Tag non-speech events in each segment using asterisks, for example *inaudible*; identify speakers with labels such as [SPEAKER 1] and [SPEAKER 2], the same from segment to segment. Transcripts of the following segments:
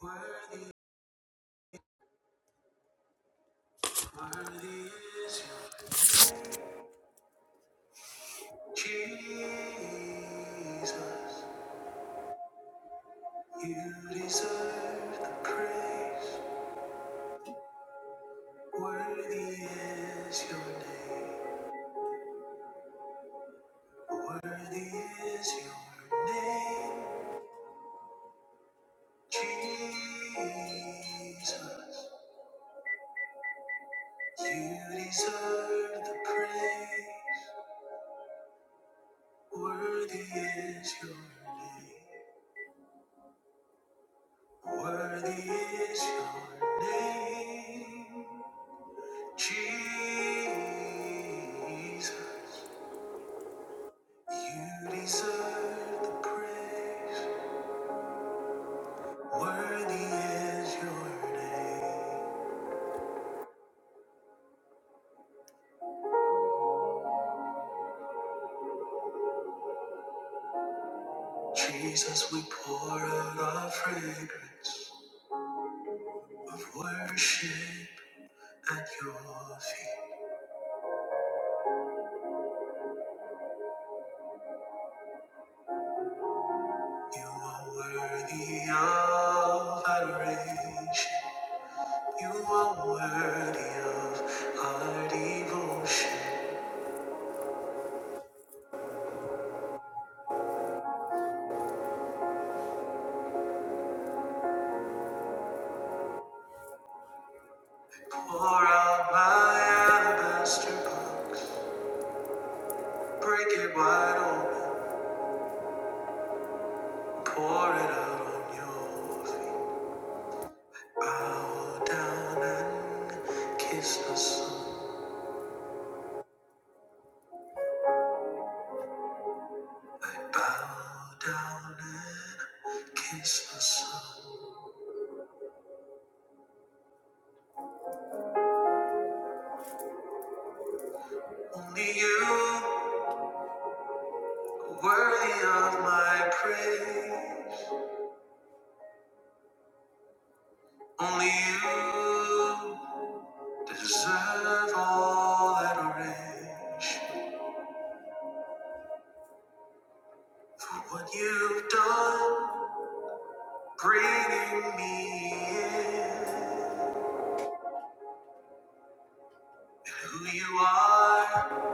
[SPEAKER 1] Worthy, worthy is you, Jesus. You deserve the praise. Worthy is your name. Worthy is your name, Jesus. You deserve the praise. Worthy is your name. Worthy is your name. Jesus, you deserve the praise. Worthy is your name. Jesus, we pour out our fragrance of worship at your feet. You are worthy of adoration. You are worthy of our devotion. Pour out my alabaster box. Break it wide open, pour it out on your feet. Bow down and kiss the sun. Bow down and kiss the sun. Only you worthy of my praise. Only you deserve all adoration for what you've done, bringing me in. Who you are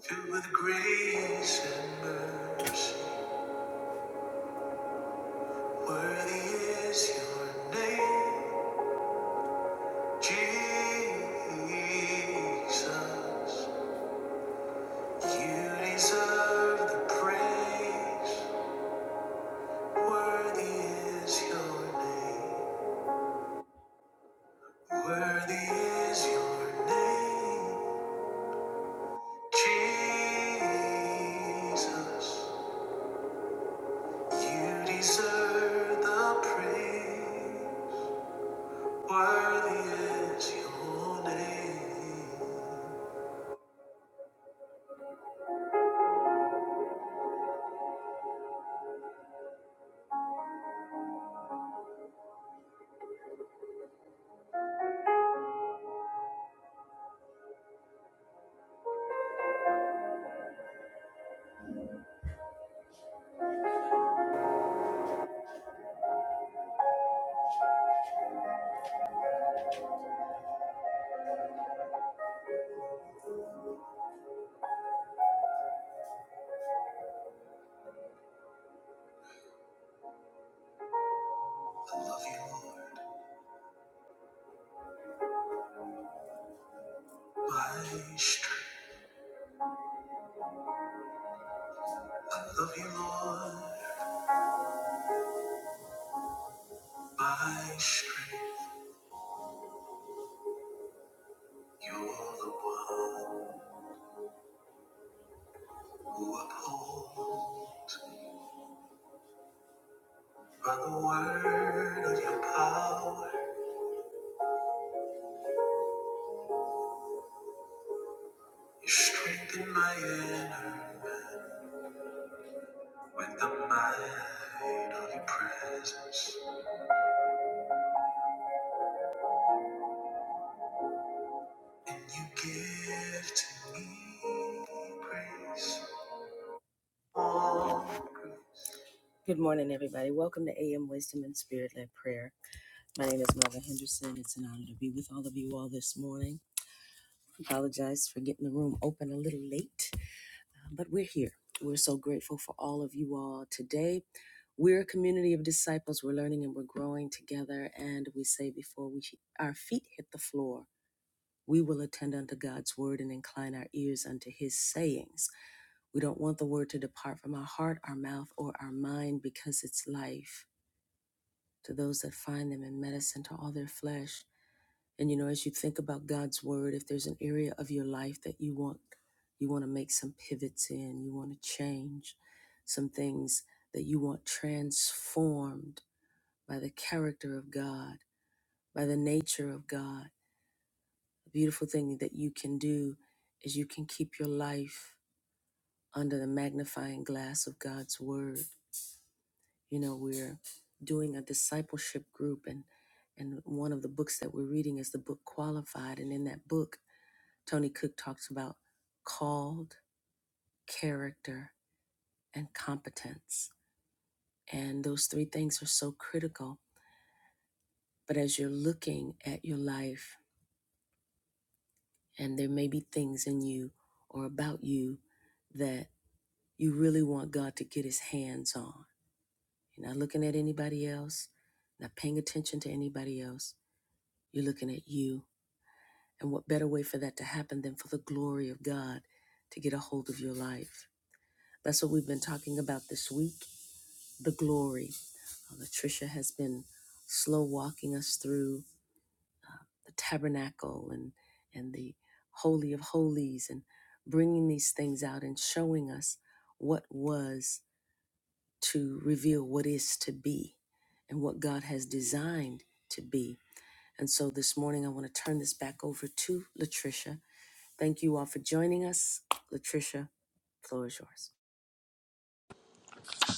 [SPEAKER 1] through the grace and mercy. Worthy is your name, Jesus. You deserve the praise. Worthy is your name. Worthy is your name, Jesus. You deserve the praise. Worthy is your name. I love you, Lord, my strength. I love you, Lord, my strength. You're the one who upholds by the word of your power. You strengthen my inner man with the might of your presence, and you give to me grace. All grace. Good morning, everybody. Welcome to AM Wisdom and Spirit Led Prayer. My name is Melvin Henderson. It's an honor to be with all of you all this morning. Apologize for getting the room open a little late, uh, but we're here. We're so grateful for all of you all today. We're a community of disciples. We're learning and we're growing together. And we say before we our feet hit the floor, we will attend unto God's word and incline our ears unto his sayings. We don't want the word to depart from our heart, our mouth, or our mind because it's life to those that find them in medicine to all their flesh. And you know, as you think about God's word, if there's an area of your life that you want you want to make some pivots in, you want to change some things that you want transformed by the character of God, by the nature of God. The beautiful thing that you can do is you can keep your life under the magnifying glass of God's word You know, we're doing a discipleship group and and one of the books that we're reading is the book Qualified and in that book Tony Cook talks about called, character, and competence. And those three things are so critical. But as you're looking at your life and there may be things in you or about you that you really want God to get his hands on. You're not looking at anybody else, not paying attention to anybody else. You're looking at you And what better way for that to happen than for the glory of God to get a hold of your life? That's what we've been talking about this week the glory. Uh, Latricia has been slow walking us through the tabernacle and, and the Holy of Holies and bringing these things out and showing us what was to reveal what is to be and what God has designed to be. And so this morning, I want to turn this back over to Latricia Thank you all for joining us. Latricia, floor is yours.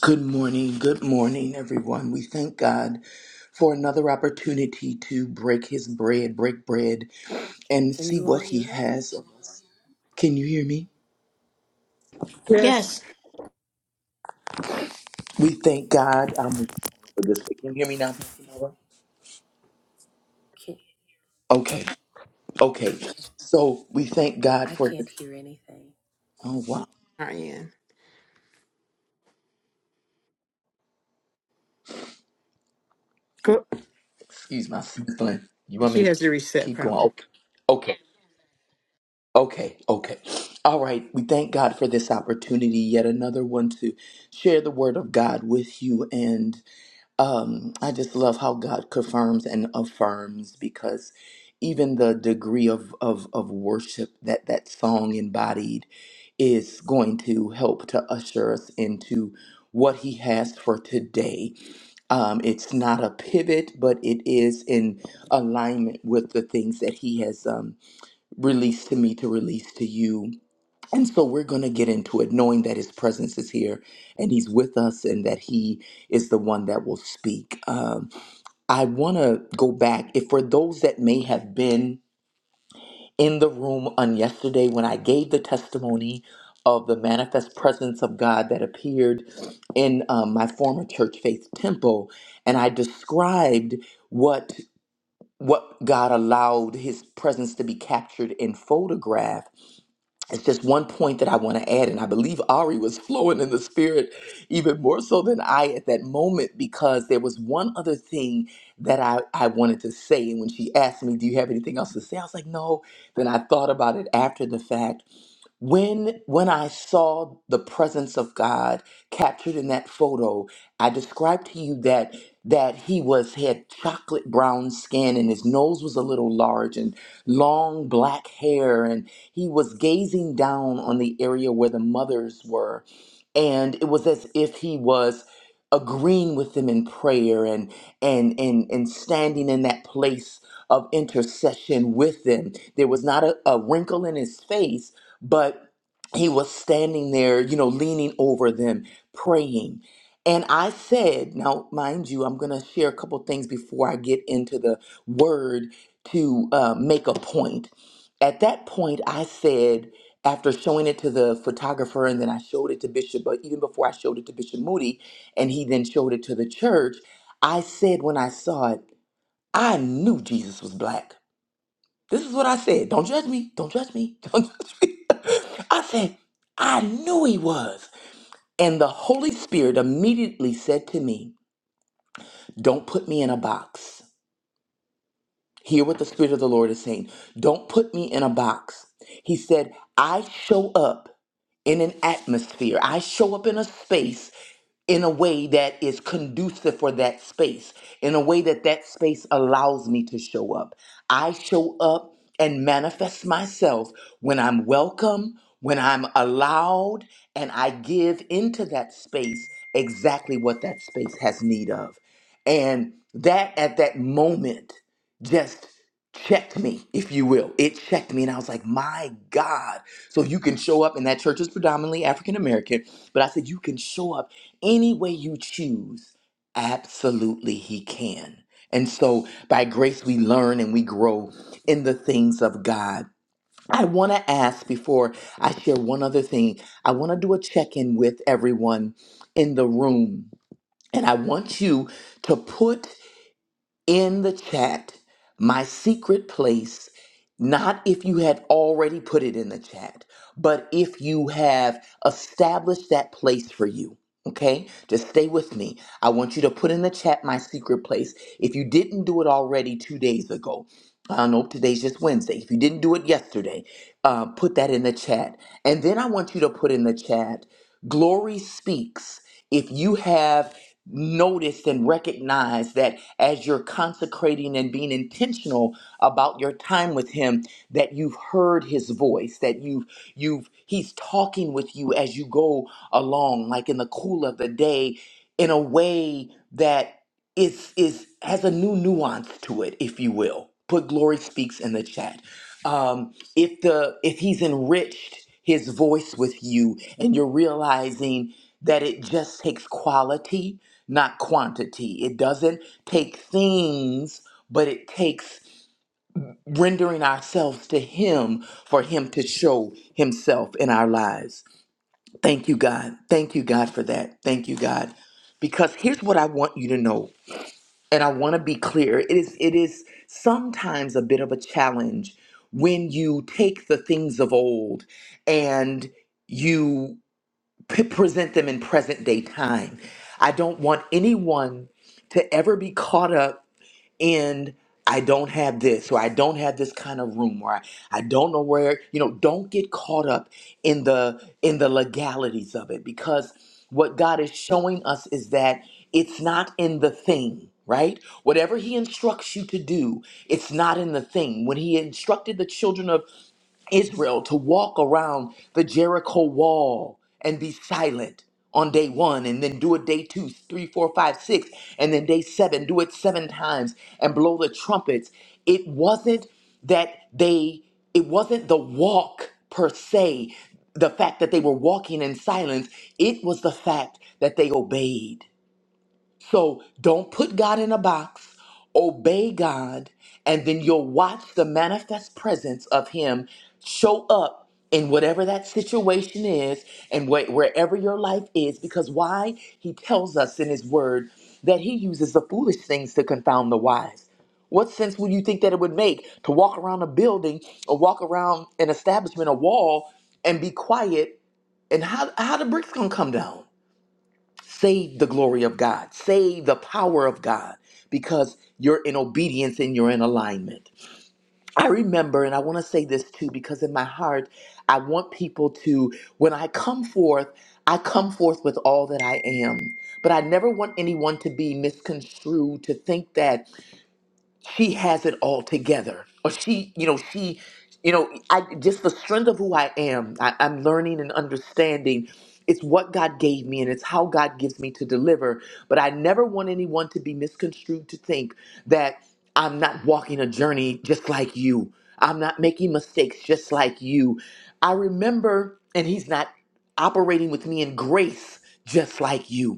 [SPEAKER 2] Good morning, good morning, everyone. We thank God for another opportunity to break his bread, break bread, and
[SPEAKER 1] Can
[SPEAKER 2] see
[SPEAKER 1] you all
[SPEAKER 2] what he
[SPEAKER 1] hear her?
[SPEAKER 2] has. Can you hear me?
[SPEAKER 3] Yes.
[SPEAKER 4] Yes,
[SPEAKER 2] We thank God um, for this. Can you hear me now, Pastor Nova?
[SPEAKER 1] Can
[SPEAKER 2] Okay, okay.
[SPEAKER 1] okay.
[SPEAKER 2] So we thank God
[SPEAKER 1] I
[SPEAKER 2] for this.
[SPEAKER 1] can't hear anything.
[SPEAKER 2] Oh, wow.
[SPEAKER 4] Ariane. Go.
[SPEAKER 2] Excuse my sniffling. You want me
[SPEAKER 4] She
[SPEAKER 2] to
[SPEAKER 4] has to reset
[SPEAKER 2] keep going?
[SPEAKER 4] probably.
[SPEAKER 2] Okay, okay, okay, okay. All right. We thank God for this opportunity, yet another one to share the word of God with you. And um, I just love how God confirms and affirms because even the degree of, of, of worship that that song embodied is going to help to usher us into what he has for today. Um, it's not a pivot, but it is in alignment with the things that he has um, released to me to release to you and so we're going to get into it knowing that his presence is here and he's with us and that he is the one that will speak. Um, I want to go back. If for those that may have been in the room on yesterday when I gave the testimony of the manifest presence of God that appeared in um, my former church faith temple, and I described what what God allowed his presence to be captured in photograph it's just one point that I want to add, and I believe Ari was *laughs* flowing in the spirit even more so than I at that moment because there was one other thing that I, I wanted to say. And when she asked me, Do you have anything else to say? I was like, No. Then I thought about it after the fact when when i saw the presence of god captured in that photo i described to you that that he was had chocolate brown skin and his nose was a little large and long black hair and he was gazing down on the area where the mothers were and it was as if he was agreeing with them in prayer and and and and standing in that place of intercession with them there was not a, a wrinkle in his face but he was standing there, you know, leaning over them, praying. And I said, now, mind you, I'm going to share a couple things before I get into the word to uh, make a point. At that point, I said, after showing it to the photographer, and then I showed it to Bishop, but even before I showed it to Bishop Moody, and he then showed it to the church, I said when I saw it, I knew Jesus was black. This is what I said. Don't judge me. Don't judge me. *laughs* Don't judge me. I said, I knew he was. And the Holy Spirit immediately said to me, Don't put me in a box. Hear what the Spirit of the Lord is saying. Don't put me in a box. He said, I show up in an atmosphere, I show up in a space in a way that is conducive for that space, in a way that that space allows me to show up. I show up and manifest myself when I'm welcome, when I'm allowed, and I give into that space exactly what that space has need of. And that at that moment just checked me, if you will. It checked me, and I was like, my God. So you can show up, and that church is predominantly African American, but I said, you can show up any way you choose, absolutely He can. And so by grace, we learn and we grow in the things of God. I want to ask before I share one other thing, I want to do a check in with everyone in the room. And I want you to put in the chat my secret place, not if you had already put it in the chat, but if you have established that place for you. Okay, just stay with me. I want you to put in the chat my secret place. If you didn't do it already two days ago, uh, nope, today's just Wednesday. If you didn't do it yesterday, uh, put that in the chat. And then I want you to put in the chat, Glory Speaks if you have noticed and recognized that as you're consecrating and being intentional about your time with him that you've heard his voice that you've you've he's talking with you as you go along like in the cool of the day in a way that is is has a new nuance to it if you will put glory speaks in the chat um, if the if he's enriched his voice with you and you're realizing that it just takes quality not quantity it doesn't take things but it takes rendering ourselves to him for him to show himself in our lives thank you god thank you god for that thank you god because here's what i want you to know and I want to be clear, it is it is sometimes a bit of a challenge when you take the things of old and you p- present them in present day time. I don't want anyone to ever be caught up and I don't have this, or I don't have this kind of room, or I, I don't know where, you know, don't get caught up in the in the legalities of it because what God is showing us is that it's not in the thing, right? Whatever he instructs you to do, it's not in the thing. When he instructed the children of Israel to walk around the Jericho wall and be silent on day one, and then do it day two, three, four, five, six, and then day seven, do it seven times and blow the trumpets. It wasn't that they, it wasn't the walk per se, the fact that they were walking in silence, it was the fact that they obeyed. So don't put God in a box. Obey God, and then you'll watch the manifest presence of Him show up in whatever that situation is and wh- wherever your life is. Because why? He tells us in His Word that He uses the foolish things to confound the wise. What sense would you think that it would make to walk around a building or walk around an establishment, a wall, and be quiet? And how, how the bricks gonna come down? Save the glory of God. Save the power of God because you're in obedience and you're in alignment. I remember, and I want to say this too, because in my heart, I want people to, when I come forth, I come forth with all that I am. But I never want anyone to be misconstrued to think that she has it all together or she you know she you know i just the strength of who i am I, i'm learning and understanding it's what god gave me and it's how god gives me to deliver but i never want anyone to be misconstrued to think that i'm not walking a journey just like you i'm not making mistakes just like you i remember and he's not operating with me in grace just like you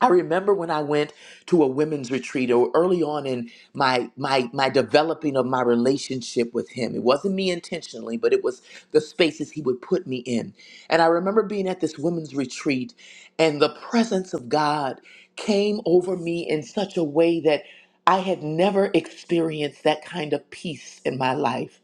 [SPEAKER 2] I remember when I went to a women's retreat or early on in my my my developing of my relationship with him. It wasn't me intentionally, but it was the spaces he would put me in. And I remember being at this women's retreat and the presence of God came over me in such a way that I had never experienced that kind of peace in my life.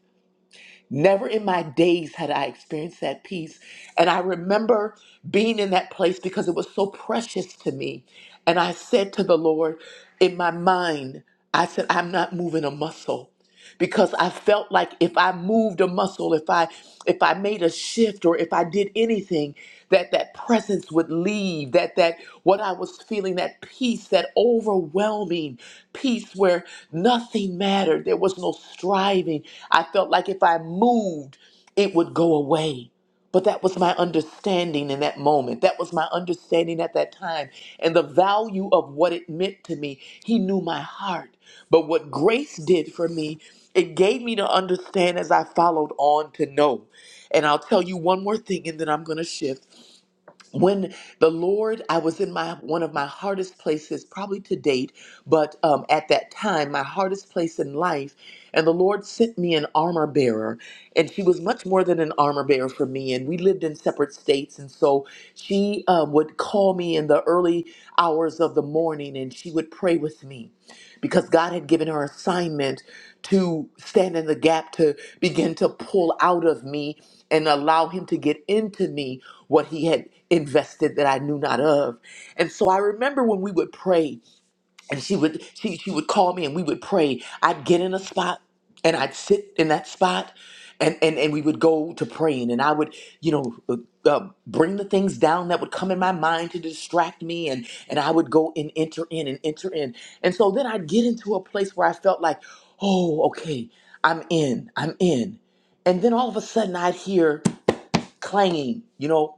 [SPEAKER 2] Never in my days had I experienced that peace. And I remember being in that place because it was so precious to me. And I said to the Lord in my mind, I said, I'm not moving a muscle because I felt like if I moved a muscle, if I if I made a shift or if I did anything, that that presence would leave, that that what I was feeling, that peace, that overwhelming peace where nothing mattered. There was no striving. I felt like if I moved, it would go away. But that was my understanding in that moment. That was my understanding at that time and the value of what it meant to me. He knew my heart. But what grace did for me, it gave me to understand as I followed on to know. And I'll tell you one more thing and then I'm going to shift when the lord i was in my one of my hardest places probably to date but um, at that time my hardest place in life and the lord sent me an armor bearer and she was much more than an armor bearer for me and we lived in separate states and so she um, would call me in the early hours of the morning and she would pray with me because god had given her assignment to stand in the gap to begin to pull out of me and allow him to get into me what he had invested that I knew not of. And so I remember when we would pray and she would she she would call me and we would pray. I'd get in a spot and I'd sit in that spot and and, and we would go to praying and I would, you know, uh, uh, bring the things down that would come in my mind to distract me and and I would go and enter in and enter in. And so then I'd get into a place where I felt like, "Oh, okay, I'm in. I'm in." And then all of a sudden I'd hear clanging, you know,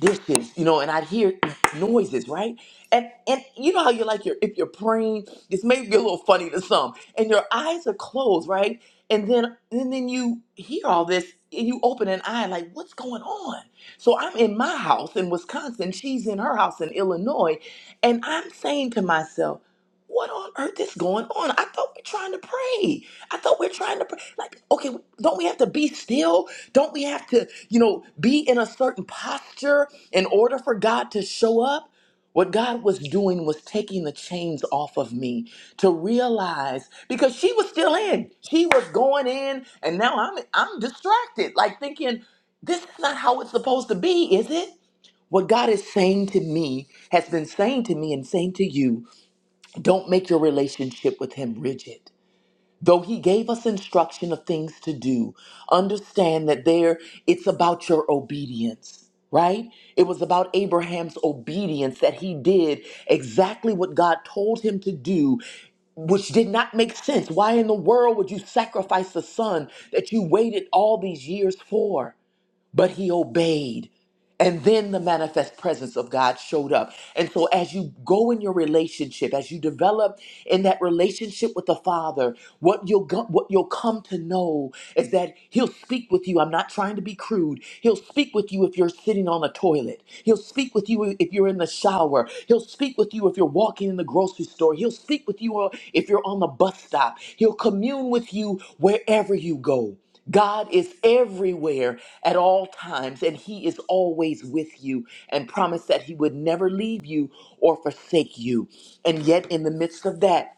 [SPEAKER 2] dishes, you know, and I'd hear noises, right? And and you know how you're like you're if you're praying, this may be a little funny to some, and your eyes are closed, right? And then and then you hear all this and you open an eye like what's going on? So I'm in my house in Wisconsin, she's in her house in Illinois, and I'm saying to myself, what on earth is going on? I thought we're trying to pray. I thought we're trying to pray. Like, okay, don't we have to be still? Don't we have to, you know, be in a certain posture in order for God to show up? What God was doing was taking the chains off of me to realize because she was still in. She was going in and now I'm I'm distracted like thinking this is not how it's supposed to be, is it? What God is saying to me has been saying to me and saying to you, don't make your relationship with him rigid. Though he gave us instruction of things to do, understand that there it's about your obedience, right? It was about Abraham's obedience that he did exactly what God told him to do, which did not make sense. Why in the world would you sacrifice the son that you waited all these years for? but he obeyed. And then the manifest presence of God showed up. And so, as you go in your relationship, as you develop in that relationship with the Father, what you'll go, what you'll come to know is that He'll speak with you. I'm not trying to be crude. He'll speak with you if you're sitting on a toilet. He'll speak with you if you're in the shower. He'll speak with you if you're walking in the grocery store. He'll speak with you uh, if you're on the bus stop. He'll commune with you wherever you go. God is everywhere at all times, and He is always with you, and promised that He would never leave you or forsake you. And yet, in the midst of that,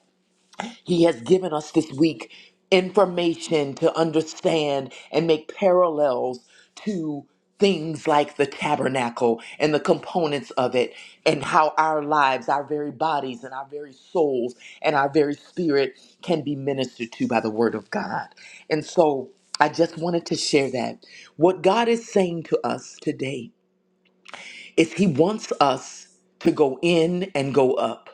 [SPEAKER 2] he has given us this week information to understand and make parallels to things like the tabernacle and the components of it, and how our lives, our very bodies, and our very souls, and our very spirit can be ministered to by the Word of God. And so I just wanted to share that. What God is saying to us today is He wants us to go in and go up.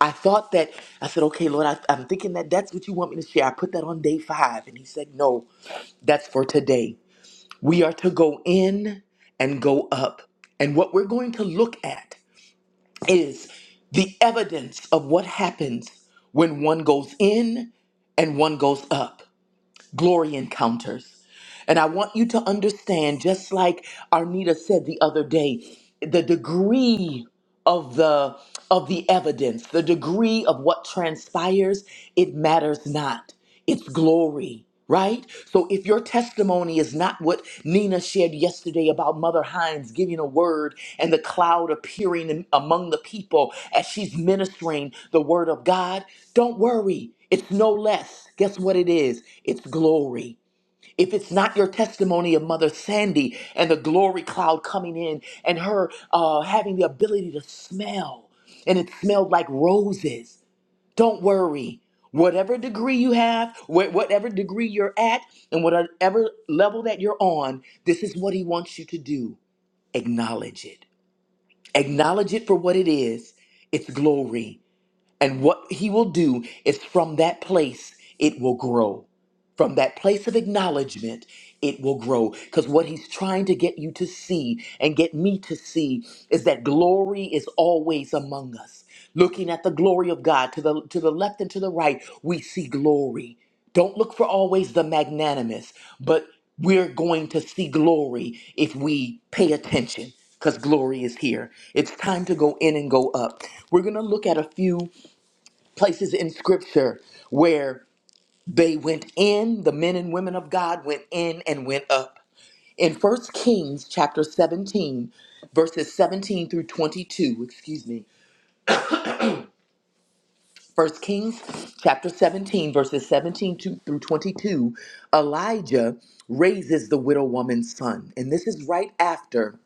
[SPEAKER 2] I thought that I said, okay, Lord, I, I'm thinking that that's what you want me to share. I put that on day five, and He said, no, that's for today. We are to go in and go up, and what we're going to look at is the evidence of what happens when one goes in and one goes up. Glory encounters. And I want you to understand, just like Arnita said the other day, the degree of the of the evidence, the degree of what transpires, it matters not. It's glory, right? So if your testimony is not what Nina shared yesterday about Mother Hines giving a word and the cloud appearing in- among the people as she's ministering the word of God, don't worry. It's no less. Guess what it is? It's glory if it's not your testimony of Mother Sandy and the glory cloud coming in and her uh, having the ability to smell, and it smelled like roses, don't worry. Whatever degree you have, wh- whatever degree you're at, and whatever level that you're on, this is what He wants you to do. Acknowledge it. Acknowledge it for what it is. It's glory. And what he will do is from that place, it will grow. From that place of acknowledgement, it will grow. Because what he's trying to get you to see and get me to see is that glory is always among us. Looking at the glory of God to the, to the left and to the right, we see glory. Don't look for always the magnanimous, but we're going to see glory if we pay attention because glory is here. It's time to go in and go up. We're going to look at a few places in scripture where they went in, the men and women of God went in and went up. In First Kings chapter 17, verses 17 through 22, excuse me, First Kings chapter 17, verses 17 to, through 22, Elijah raises the widow woman's son. And this is right after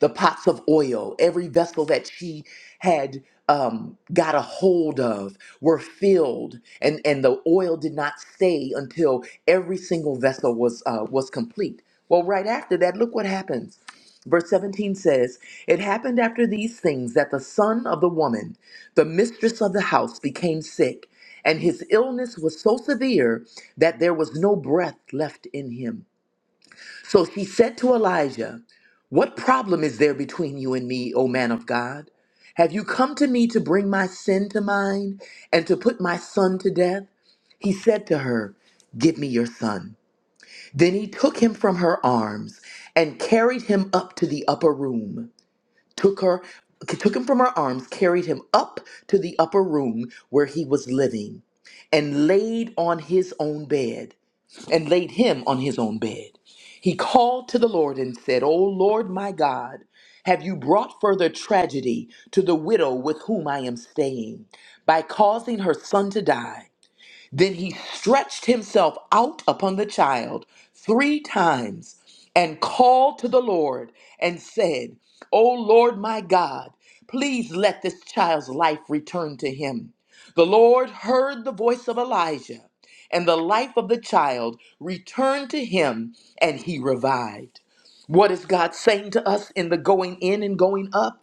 [SPEAKER 2] the pots of oil, every vessel that she had um, got a hold of were filled, and, and the oil did not stay until every single vessel was uh, was complete. Well, right after that, look what happens. Verse 17 says, It happened after these things that the son of the woman, the mistress of the house, became sick, and his illness was so severe that there was no breath left in him. So she said to Elijah, What problem is there between you and me, O man of God? Have you come to me to bring my sin to mind and to put my son to death? He said to her, Give me your son. Then he took him from her arms and carried him up to the upper room. Took her took him from her arms, carried him up to the upper room where he was living, and laid on his own bed and laid him on his own bed. He called to the Lord and said, O Lord my God, have you brought further tragedy to the widow with whom I am staying by causing her son to die? Then he stretched himself out upon the child three times and called to the Lord and said, O Lord my God, please let this child's life return to him. The Lord heard the voice of Elijah, and the life of the child returned to him, and he revived. What is God saying to us in the going in and going up?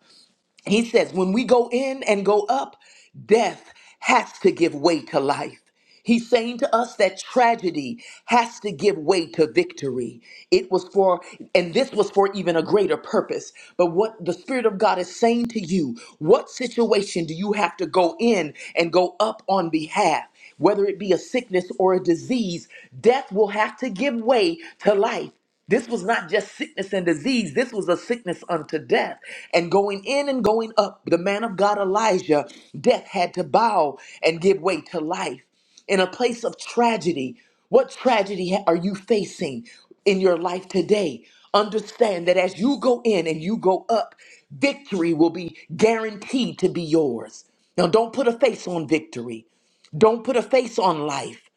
[SPEAKER 2] He says, when we go in and go up, death has to give way to life. He's saying to us that tragedy has to give way to victory. It was for, and this was for even a greater purpose. But what the Spirit of God is saying to you, what situation do you have to go in and go up on behalf? Whether it be a sickness or a disease, death will have to give way to life. This was not just sickness and disease. This was a sickness unto death. And going in and going up, the man of God Elijah, death had to bow and give way to life. In a place of tragedy, what tragedy ha- are you facing in your life today? Understand that as you go in and you go up, victory will be guaranteed to be yours. Now, don't put a face on victory. Don't put a face on life.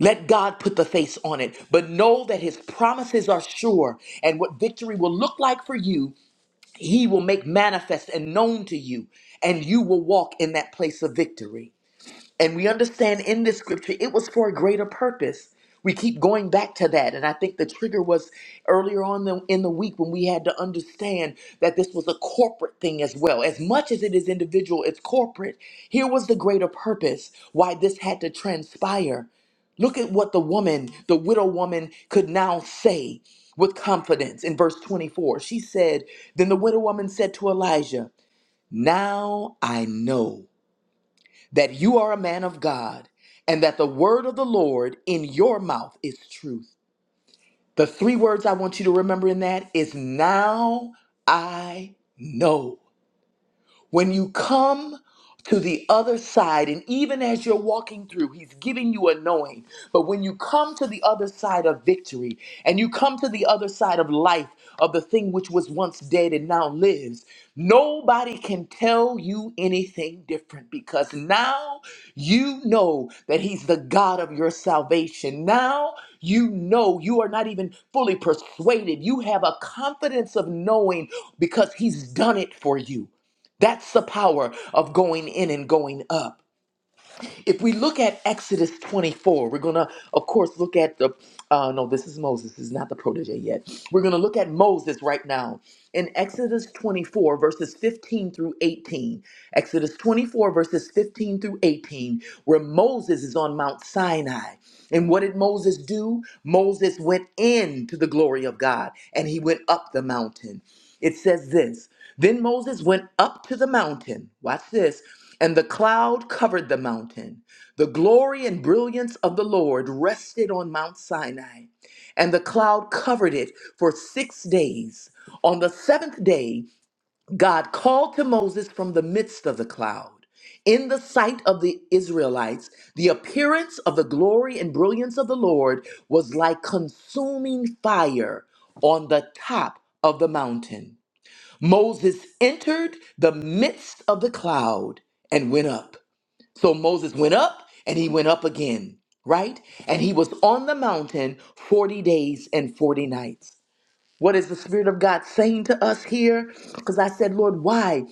[SPEAKER 2] Let God put the face on it. But know that his promises are sure, and what victory will look like for you, he will make manifest and known to you, and you will walk in that place of victory. And we understand in this scripture, it was for a greater purpose. We keep going back to that. And I think the trigger was earlier on the, in the week when we had to understand that this was a corporate thing as well. As much as it is individual, it's corporate. Here was the greater purpose why this had to transpire. Look at what the woman, the widow woman, could now say with confidence in verse 24. She said, Then the widow woman said to Elijah, 'Now I know that you are a man of God and that the word of the Lord in your mouth is truth. The three words I want you to remember in that is now I know. When you come to the other side, and even as you're walking through, He's giving you a knowing. But when you come to the other side of victory, and you come to the other side of life, of the thing which was once dead and now lives, nobody can tell you anything different because now you know that He's the God of your salvation. Now you know you are not even fully persuaded. You have a confidence of knowing because He's done it for you. That's the power of going in and going up. If we look at Exodus 24, we're going to, of course, look at the, uh, no, this is Moses, this is not the protege yet. We're going to look at Moses right now in Exodus 24, verses 15 through 18. Exodus 24, verses 15 through 18, where Moses is on Mount Sinai. And what did Moses do? Moses went into the glory of God and he went up the mountain. It says this Then Moses went up to the mountain. Watch this. And the cloud covered the mountain. The glory and brilliance of the Lord rested on Mount Sinai. And the cloud covered it for six days. On the seventh day, God called to Moses from the midst of the cloud. In the sight of the Israelites, the appearance of the glory and brilliance of the Lord was like consuming fire on the top of the mountain. Moses entered the midst of the cloud and went up. So Moses went up and he went up again, right? And he was on the mountain 40 days and 40 nights. What is the Spirit of God saying to us here? Because I said, Lord, why?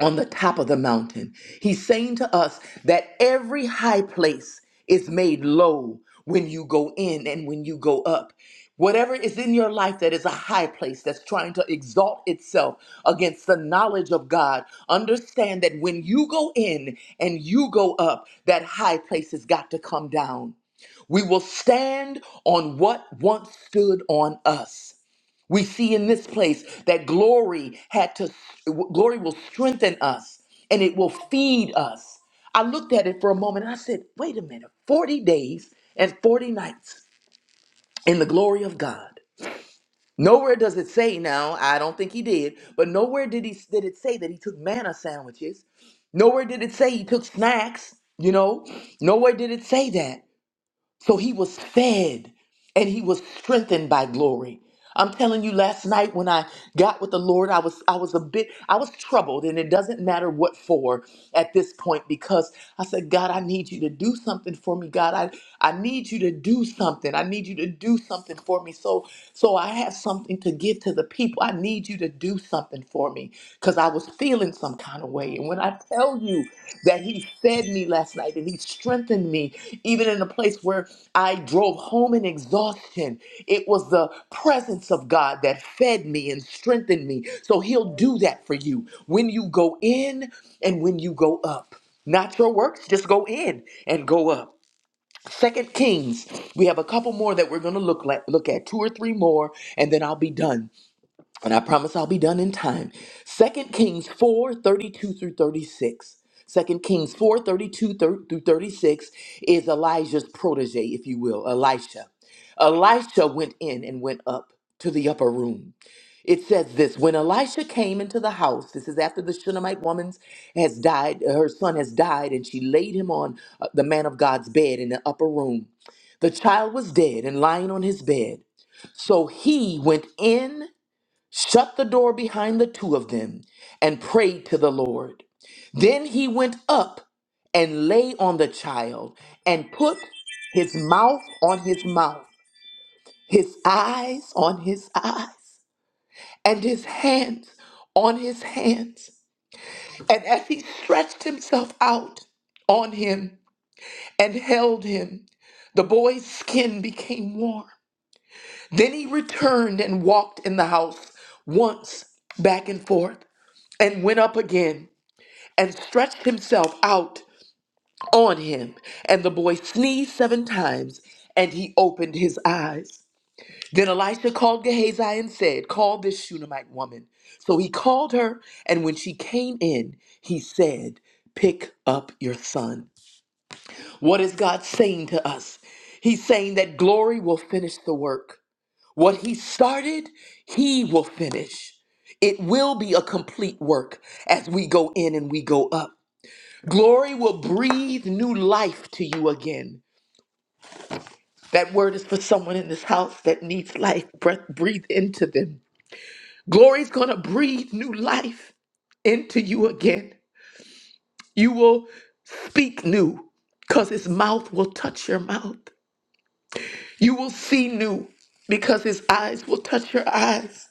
[SPEAKER 2] on the top of the mountain. He's saying to us that every high place is made low when you go in and when you go up. Whatever is in your life that is a high place that's trying to exalt itself against the knowledge of God, understand that when you go in and you go up, that high place has got to come down. We will stand on what once stood on us. We see in this place that glory had to glory will strengthen us and it will feed us. I looked at it for a moment and I said, "Wait a minute. 40 days and 40 nights in the glory of God." Nowhere does it say now, I don't think he did, but nowhere did he did it say that he took manna sandwiches. Nowhere did it say he took snacks, you know? Nowhere did it say that. So he was fed and he was strengthened by glory. I'm telling you, last night when I got with the Lord, I was I was a bit I was troubled, and it doesn't matter what for at this point because I said, God, I need you to do something for me. God, I, I need you to do something. I need you to do something for me. So so I have something to give to the people. I need you to do something for me because I was feeling some kind of way. And when I tell you that he fed me last night and he strengthened me, even in a place where I drove home in exhaustion, it was the presence of God that fed me and strengthened me. So he'll do that for you when you go in and when you go up. Not your works, just go in and go up. Second Kings, we have a couple more that we're going to look like, look at two or three more, and then I'll be done. And I promise I'll be done in time. Second Kings 4 32 through 36. Second Kings 4 32 thir- through 36 is Elijah's protege, if you will, Elisha. Elisha went in and went up to the upper room. It says this when Elisha came into the house, this is after the Shunammite woman has died, her son has died, and she laid him on uh, the man of God's bed in the upper room. The child was dead and lying on his bed. So he went in shut the door behind the two of them, and prayed to the Lord. Then he went up and lay on the child, and put his mouth on his mouth, his eyes on his eyes, and his hands on his hands. And as he stretched himself out on him and held him, the boy's skin became warm. Then he returned and walked in the house once back and forth and went up again and stretched himself out on him. And the boy sneezed seven times, and he opened his eyes. Then Elisha called Gehazi and said, Call this Shunammite woman. So he called her, and when she came in, he said, Pick up your son. What is God saying to us? He's saying that glory will finish the work. What he started, he will finish. It will be a complete work as we go in and we go up. Glory will breathe new life to you again. That word is for someone in this house that needs life. Breath, breathe into them. Glory's going to breathe new life into you again. You will speak new because his mouth will touch your mouth. You will see new because his eyes will touch your eyes.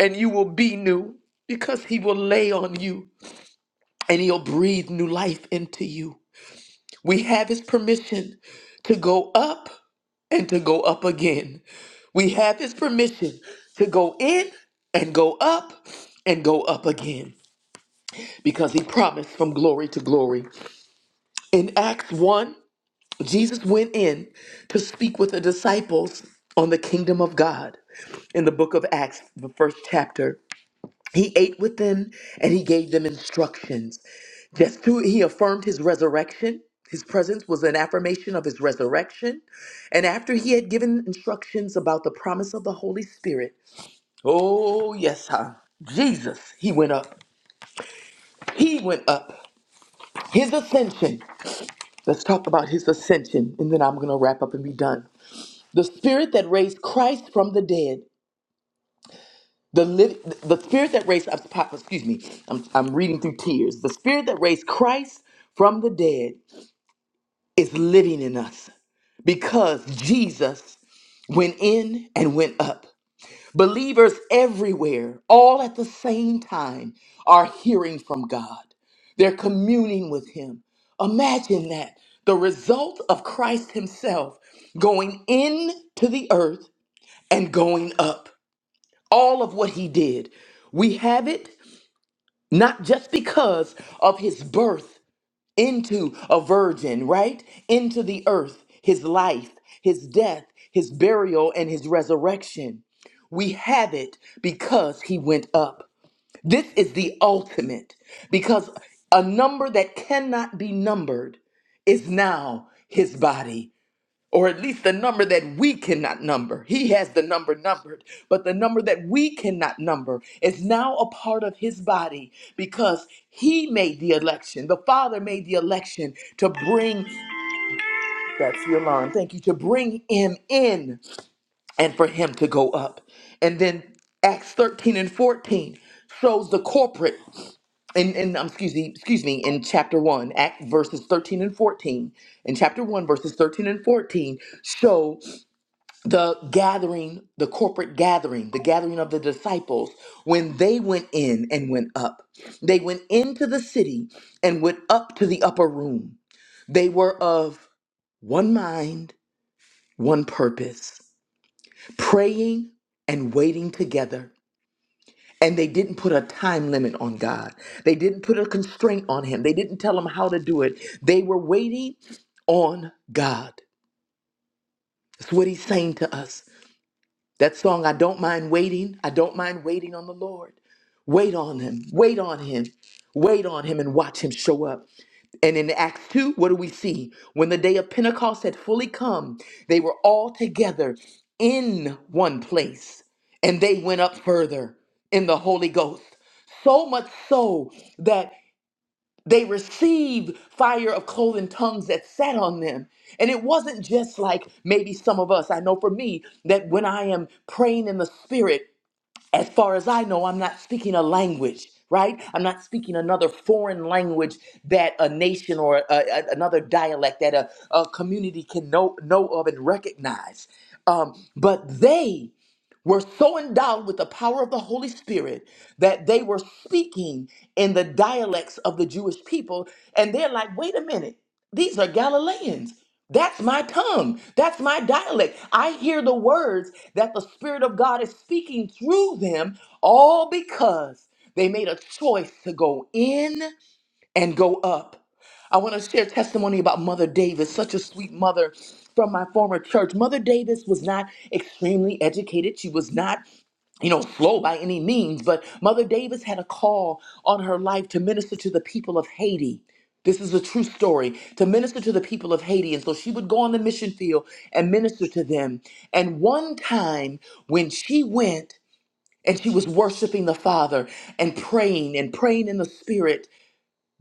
[SPEAKER 2] And you will be new because he will lay on you and he'll breathe new life into you. We have his permission to go up and to go up again. We have his permission to go in and go up and go up again because he promised from glory to glory. In Acts 1, Jesus went in to speak with the disciples on the kingdom of God in the book of Acts, the first chapter. He ate with them and he gave them instructions. Just to, he affirmed his resurrection. His presence was an affirmation of his resurrection. And after he had given instructions about the promise of the Holy Spirit, oh, yes, huh? Jesus, he went up. He went up. His ascension. Let's talk about his ascension, and then I'm going to wrap up and be done. The spirit that raised Christ from the dead The liv- the spirit that raised up, excuse me, I'm, I'm reading through tears. The spirit that raised Christ from the dead is living in us because Jesus went in and went up. Believers everywhere, all at the same time, are hearing from God. They're communing with Him. Imagine that the result of Christ Himself going into the earth and going up all of what he did. We have it not just because of his birth into a virgin, right? Into the earth, his life, his death, his burial, and his resurrection. We have it because he went up. This is the ultimate, because a number that cannot be numbered is now his body or at least the number that we cannot number. He has the number numbered, but the number that we cannot number is now a part of his body because he made the election. The Father made the election to bring that's the alarm. Thank you to bring him in and for him to go up. And then Acts 13 and 14 shows the corporate in, in um, excuse me, excuse me, in chapter 1, Act verses 13 and 14. In chapter 1 verses 13 and 14 show the gathering, the corporate gathering, the gathering of the disciples, when they went in and went up, they went into the city and went up to the upper room. They were of one mind, one purpose, praying and waiting together. And they didn't put a time limit on God. They didn't put a constraint on Him. They didn't tell Him how to do it. They were waiting on God. That's what He's saying to us. That song, I don't mind waiting. I don't mind waiting on the Lord. Wait on him. Wait on him. Wait on him and watch him show up. And in Acts 2, what do we see? When the day of Pentecost had fully come, they were all together in one place. And they went up further in the Holy Ghost. So much so that they received fire of clothing tongues that sat on them. And it wasn't just like maybe some of us. I know for me that when I am praying in the spirit, as far as I know, I'm not speaking a language, right? I'm not speaking another foreign language that a nation or a, a- another dialect that a, a community can know, know of and recognize. Um, but they were so endowed with the power of the Holy Spirit that they were speaking in the dialects of the Jewish people. And they're like, wait a minute, these are Galileans. That's my tongue. That's my dialect. I hear the words that the Spirit of God is speaking through them, all because they made a choice to go in and go up. I want to share testimony about Mother Davis, such a sweet mother from my former church. Mother Davis was not extremely educated. She was not you know, slow by any means, but Mother Davis had a call on her life to minister to the people of Haiti. This is a true story to minister to the people of Haiti. And so she would go on the mission field and minister to them. And one time when she went and she was worshiping the Father and praying and praying in the Spirit,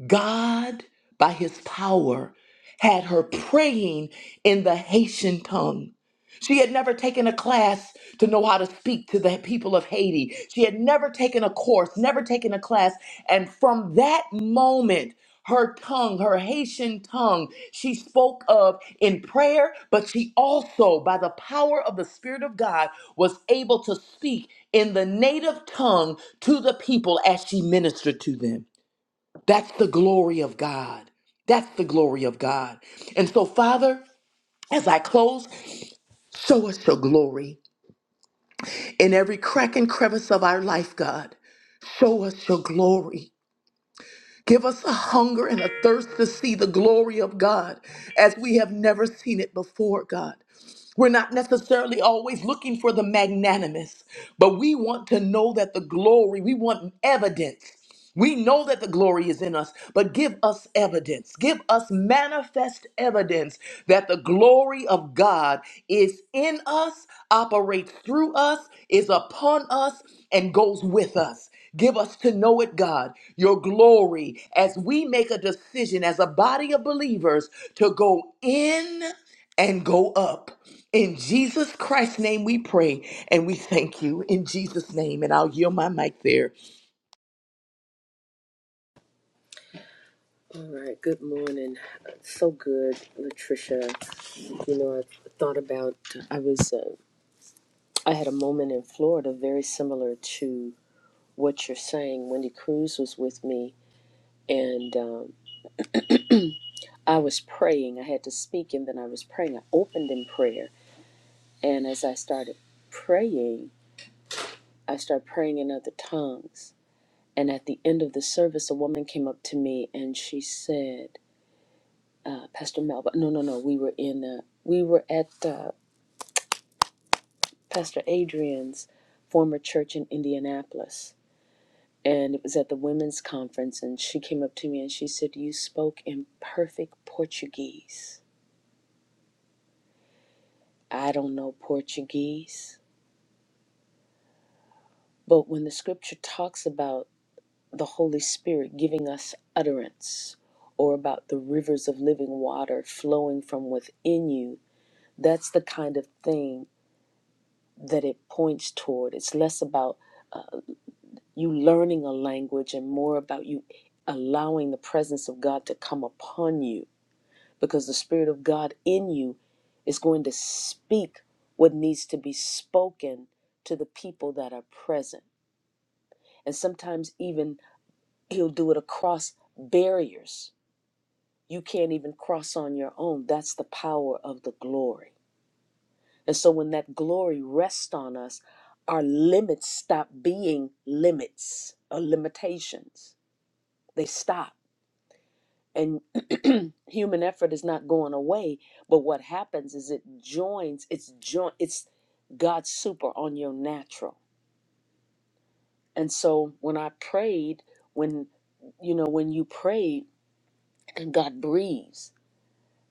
[SPEAKER 2] God, by his power, had her praying in the Haitian tongue. She had never taken a class to know how to speak to the people of Haiti. She had never taken a course, never taken a class. And from that moment, her tongue, her Haitian tongue, she spoke of in prayer, but she also, by the power of the Spirit of God, was able to speak in the native tongue to the people as she ministered to them. That's the glory of God. That's the glory of God. And so, Father, as I close, show us your glory in every crack and crevice of our life, God. Show us your glory. Give us a hunger and a thirst to see the glory of God as we have never seen it before, God. We're not necessarily always looking for the magnanimous, but we want to know that the glory, we want evidence. We know that the glory is in us, but give us evidence. Give us manifest evidence that the glory of God is in us, operates through us, is upon us, and goes with us us. Give us to know it, God, your glory, as we make a decision as a body of believers to go in and go up. In Jesus Christ's name we pray and we thank you in Jesus' name. And I'll yield my mic there.
[SPEAKER 1] All right. Good morning. So good, Latricia. You know, I thought about. I was. Uh, I had a moment in Florida very similar to what you're saying. Wendy Cruz was with me, and um, I was praying. I had to speak, and then I was praying. I opened in prayer, and as I started praying, I started praying in other tongues And at the end of the service, a woman came up to me and she said, uh, "Pastor Melba, no, no, no, we were in, uh, we were at uh, Pastor Adrian's former church in Indianapolis, and it was at the women's conference. And she came up to me and she said, "You spoke in perfect Portuguese. I don't know Portuguese, but when the Scripture talks about the Holy Spirit giving us utterance." Or about the rivers of living water flowing from within you That's the kind of thing that it points toward. It's less about uh, you learning a language and more about you allowing the presence of God to come upon you because the Spirit of God in you is going to speak what needs to be spoken to the people that are present. And sometimes, even, He'll do it across barriers you can't even cross on your own. That's the power of the glory. And so when that glory rests on us, our limits stop being limits or limitations. They stop. And *clears throat* human effort is not going away, but what happens is it joins, it's join it's God's super on your natural. And so when I prayed, when you know, when you pray and God breathes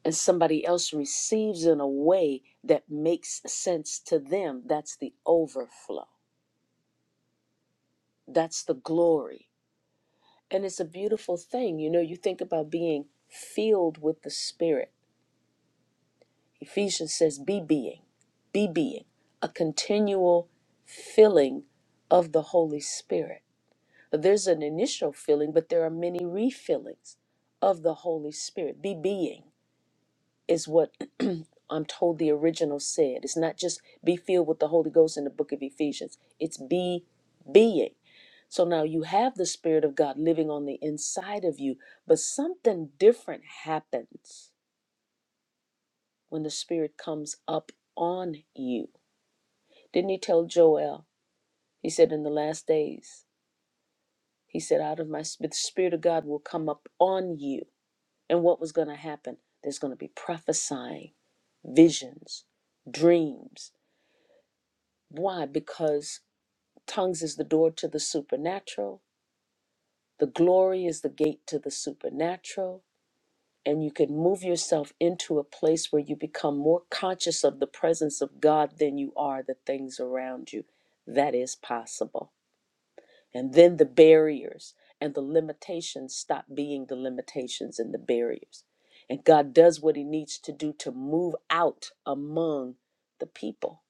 [SPEAKER 1] and somebody else receives in a way that makes sense to them, that's the overflow. That's the glory. And it's a beautiful thing. You know, you think about being filled with the Spirit. Ephesians says, be being, be being, a continual filling of the Holy Spirit. There's an initial filling, but there are many refillings of the Holy Spirit. Be being is what *clears throat* I'm told the original said. It's not just be filled with the Holy Ghost in the book of Ephesians, it's be being. So now you have the Spirit of God living on the inside of you, but something different happens when the Spirit comes up on you. Didn't he tell Joel? He said, In the last days, he said, Out of my spirit, the Spirit of God will come up on you. And what was going to happen? There's going to be prophesying, visions, dreams. Why? Because tongues is the door to the supernatural, the glory is the gate to the supernatural and you can move yourself into a place where you become more conscious of the presence of God than you are the things around you. That is possible. And then the barriers and the limitations stop being the limitations and the barriers. And God does what He needs to do to move out among the people.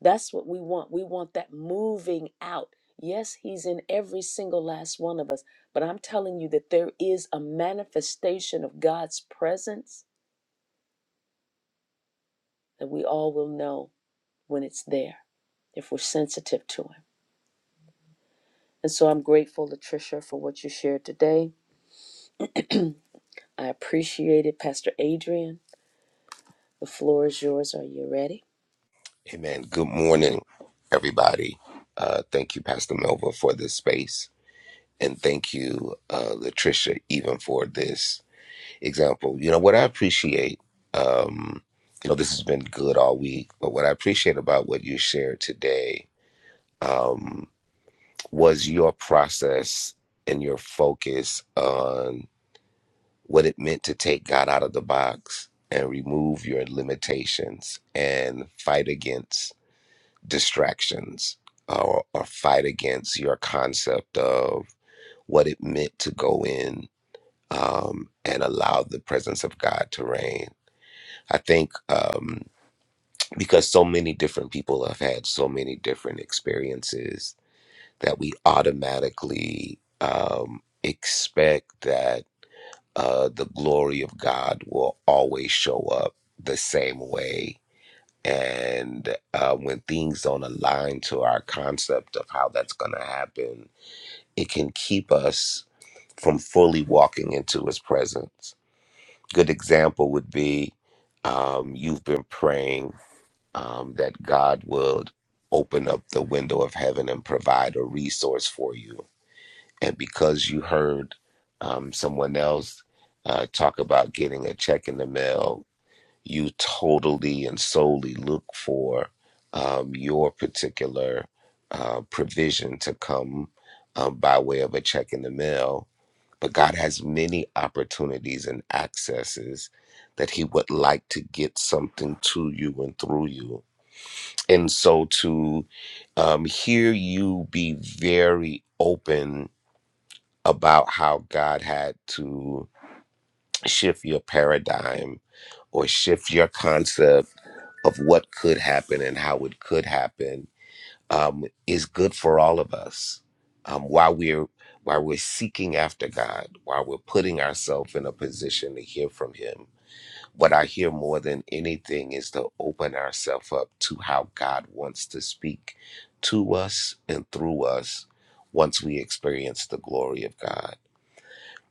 [SPEAKER 1] That's what we want. We want that moving out. Yes, He's in every single last one of us, but I'm telling you that there is a manifestation of God's presence that we all will know when it's there if we're sensitive to Him. And so I'm grateful, Latricia, for what you shared today. I appreciate it. Pastor Adrian, the floor is yours. Are you ready?
[SPEAKER 5] Amen. Good morning, everybody. Uh, thank you, Pastor Melva, for this space. And thank you, uh, Latricia, even for this example. You know, what I appreciate, um, you know, this has been good all week, but what I appreciate about what you shared today um, was your process and your focus on what it meant to take God out of the box and remove your limitations and fight against distractions or, or fight against your concept of what it meant to go in um, and allow the presence of God to reign. I think um, because so many different people have had so many different experiences that we automatically um, expect that uh, the glory of God will always show up the same way And uh, when things don't align to our concept of how that's going to happen, it can keep us from fully walking into His presence. Good example would be um, you've been praying um, that God would open up the window of heaven and provide a resource for you. And because you heard um, someone else uh, talk about getting a check in the mail you totally and solely look for um, your particular uh, provision to come um, by way of a check in the mail. But God has many opportunities and accesses that He would like to get something to you and through you. And so to um, hear you be very open about how God had to shift your paradigm or shift your concept of what could happen and how it could happen um, is good for all of us. Um, while we're while we're seeking after God, while we're putting ourselves in a position to hear from Him, what I hear more than anything is to open ourselves up to how God wants to speak to us and through us once we experience the glory of God.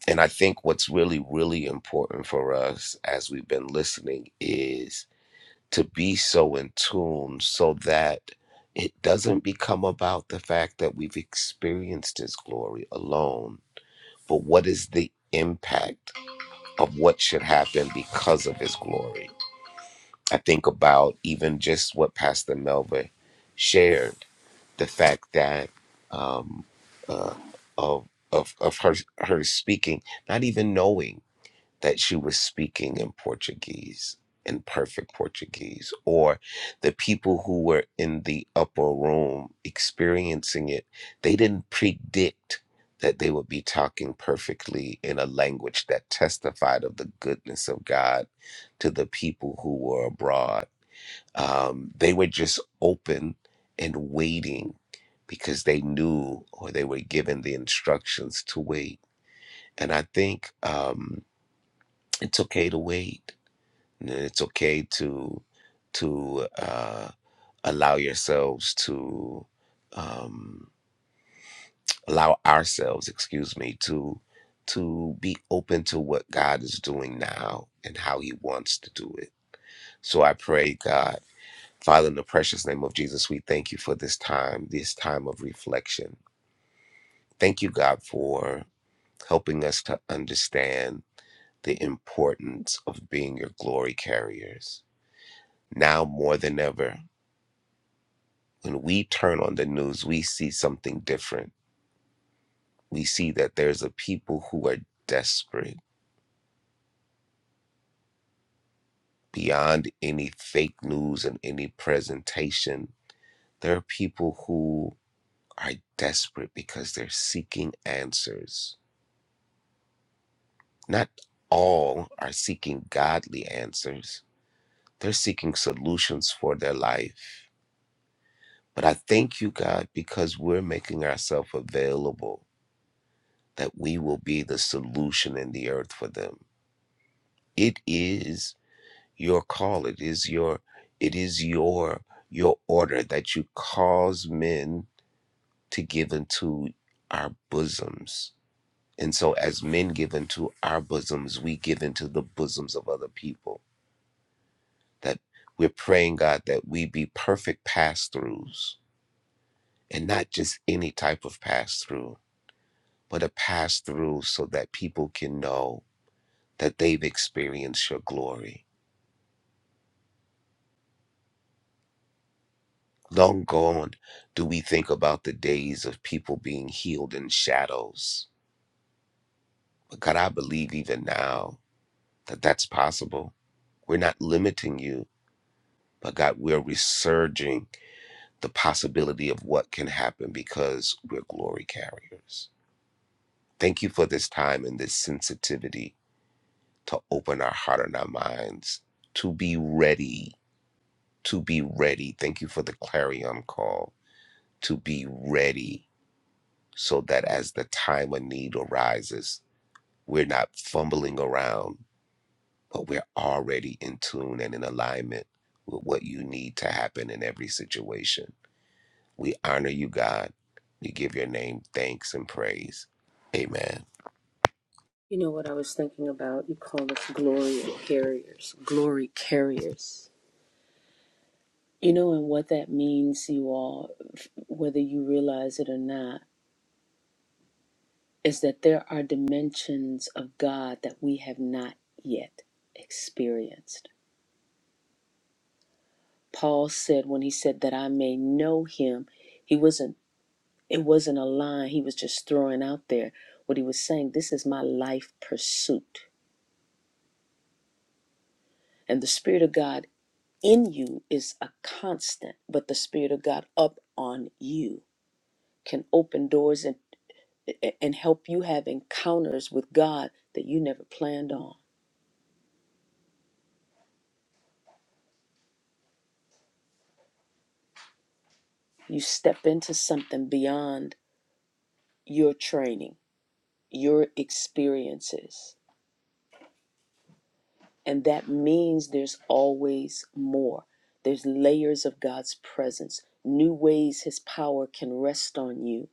[SPEAKER 5] And I think what's really, really important for us as we've been listening is to be so in tune so that it doesn't become about the fact that we've experienced his glory alone, but what is the impact of what should happen because of his glory? I think about even just what Pastor Melva shared, the fact that um, uh, of of, of her her speaking, not even knowing that she was speaking in Portuguese, in perfect Portuguese, or the people who were in the upper room experiencing it, they didn't predict that they would be talking perfectly in a language that testified of the goodness of God to the people who were abroad. Um, they were just open and waiting because they knew or they were given the instructions to wait. And I think um, it's okay to wait and it's okay to to uh, allow yourselves to um, allow ourselves, excuse me, to to be open to what God is doing now and how He wants to do it. So I pray, God, Father, in the precious name of Jesus, we thank you for this time, this time of reflection. Thank you, God, for helping us to understand the importance of being your glory carriers now more than ever. when we turn on the news, we see something different. We see that there's a people who are desperate beyond any fake news and any presentation. There are people who are desperate because they're seeking answers. Not all are seeking godly answers, they're seeking solutions for their life. But I thank you, God, because we're making ourselves available that we will be the solution in the earth for them. It is your call it is your it is your your order that you cause men to give into our bosoms and so as men give into our bosoms we give into the bosoms of other people that we're praying god that we be perfect pass-throughs and not just any type of pass-through but a pass-through so that people can know that they've experienced your glory Long gone do we think about the days of people being healed in shadows. But God, I believe even now that that's possible. We're not limiting you, but God, we're resurging the possibility of what can happen because we're glory carriers. Thank you for this time and this sensitivity to open our heart and our minds, to be ready, to be ready. Thank you for the clarion call, to be ready so that as the time of need arises, we're not fumbling around, but we're already in tune and in alignment with what you need to happen in every situation. We honor you, God. We give your name thanks and praise. Amen.
[SPEAKER 1] You know what I was thinking about? You call us glory carriers, glory carriers. You know, and what that means, you all, whether you realize it or not, is that there are dimensions of God that we have not yet experienced Paul said when he said that I may know him, he wasn't it wasn't a line he was just throwing out there. What he was saying, this is my life pursuit. And the Spirit of God in you is a constant, but the Spirit of God up on you can open doors and and help you have encounters with God that you never planned on. You step into something beyond your training, your experiences. And that means there's always more. There's layers of God's presence, new ways his power can rest on you.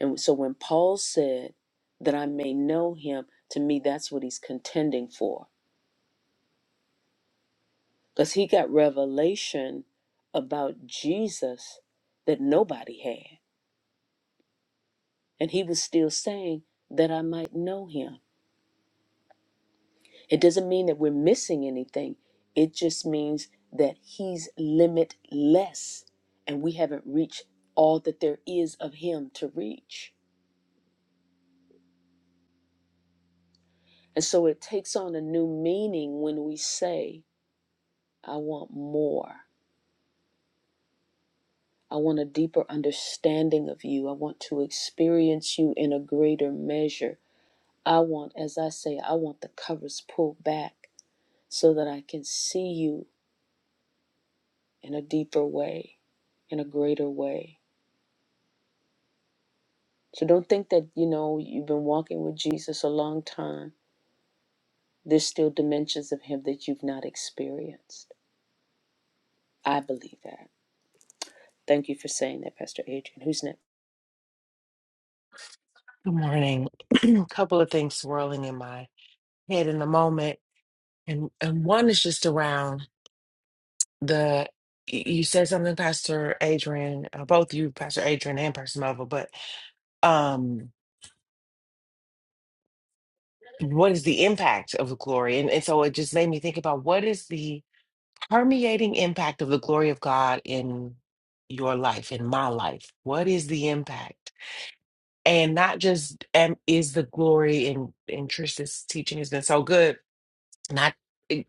[SPEAKER 1] And so when Paul said that I may know him, to me, that's what he's contending for. Because he got revelation about Jesus that nobody had. And he was still saying that I might know him. It doesn't mean that we're missing anything. It just means that he's limitless and we haven't reached all that there is of him to reach. And so it takes on a new meaning when we say, I want more. I want a deeper understanding of you. I want to experience you in a greater measure. I want, as I say, I want the covers pulled back so that I can see you in a deeper way, in a greater way. So don't think that, you know, you've been walking with Jesus a long time. There's still dimensions of him that you've not experienced. I believe that. Thank you for saying that, Pastor Adrian. Who's next?
[SPEAKER 6] Good morning. *clears throat* A couple of things swirling in my head in the moment, and and one is just around the. y- You said something, Pastor Adrian, uh, both you, Pastor Adrian and Pastor Melville, but um, what is the impact of the glory? And, and so it just made me think about what is the permeating impact of the glory of God in your life, in my life. What is the impact? And not just um, is the glory, and, and Trish's teaching has been so good not it-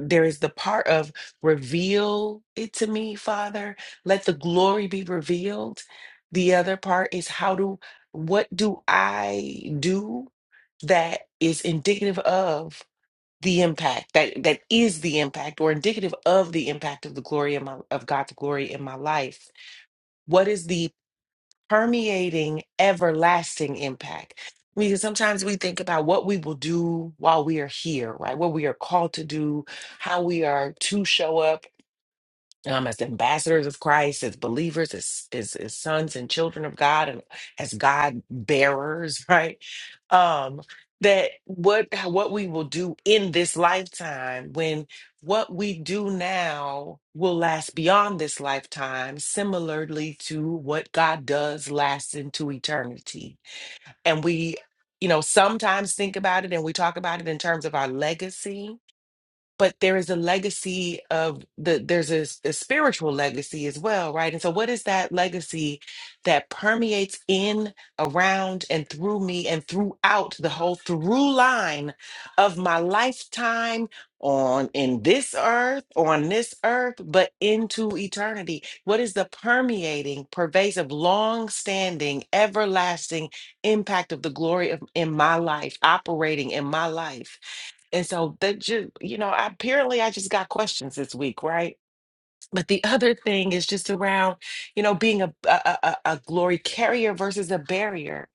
[SPEAKER 6] there is the part of reveal it to me father let the glory be revealed the other part is how do what do i do that is indicative of the impact that that is the impact or indicative of the impact of the glory in my, of god's glory in my life what is the permeating everlasting impact. Because sometimes we think about what we will do while we are here, right? What we are called to do, how we are to show up, um, as ambassadors of Christ, as believers, as, as as sons and children of God, and as God bearers, *laughs* right? Um, that what what we will do in this lifetime, when what we do now will last beyond this lifetime, similarly to what God does lasts into eternity, and we. You know, sometimes think about it and we talk about it in terms of our legacy but there is a legacy of the there's a, s- a spiritual legacy as well right and so what is that legacy that permeates in around and through me and throughout the whole through line of my lifetime on in this earth on this earth but into eternity what is the permeating pervasive long standing everlasting impact of the glory of in my life operating in my life and so that just, you know, apparently I just got questions this week, right? But the other thing is just around, you know, being a, a, a, a glory carrier versus a barrier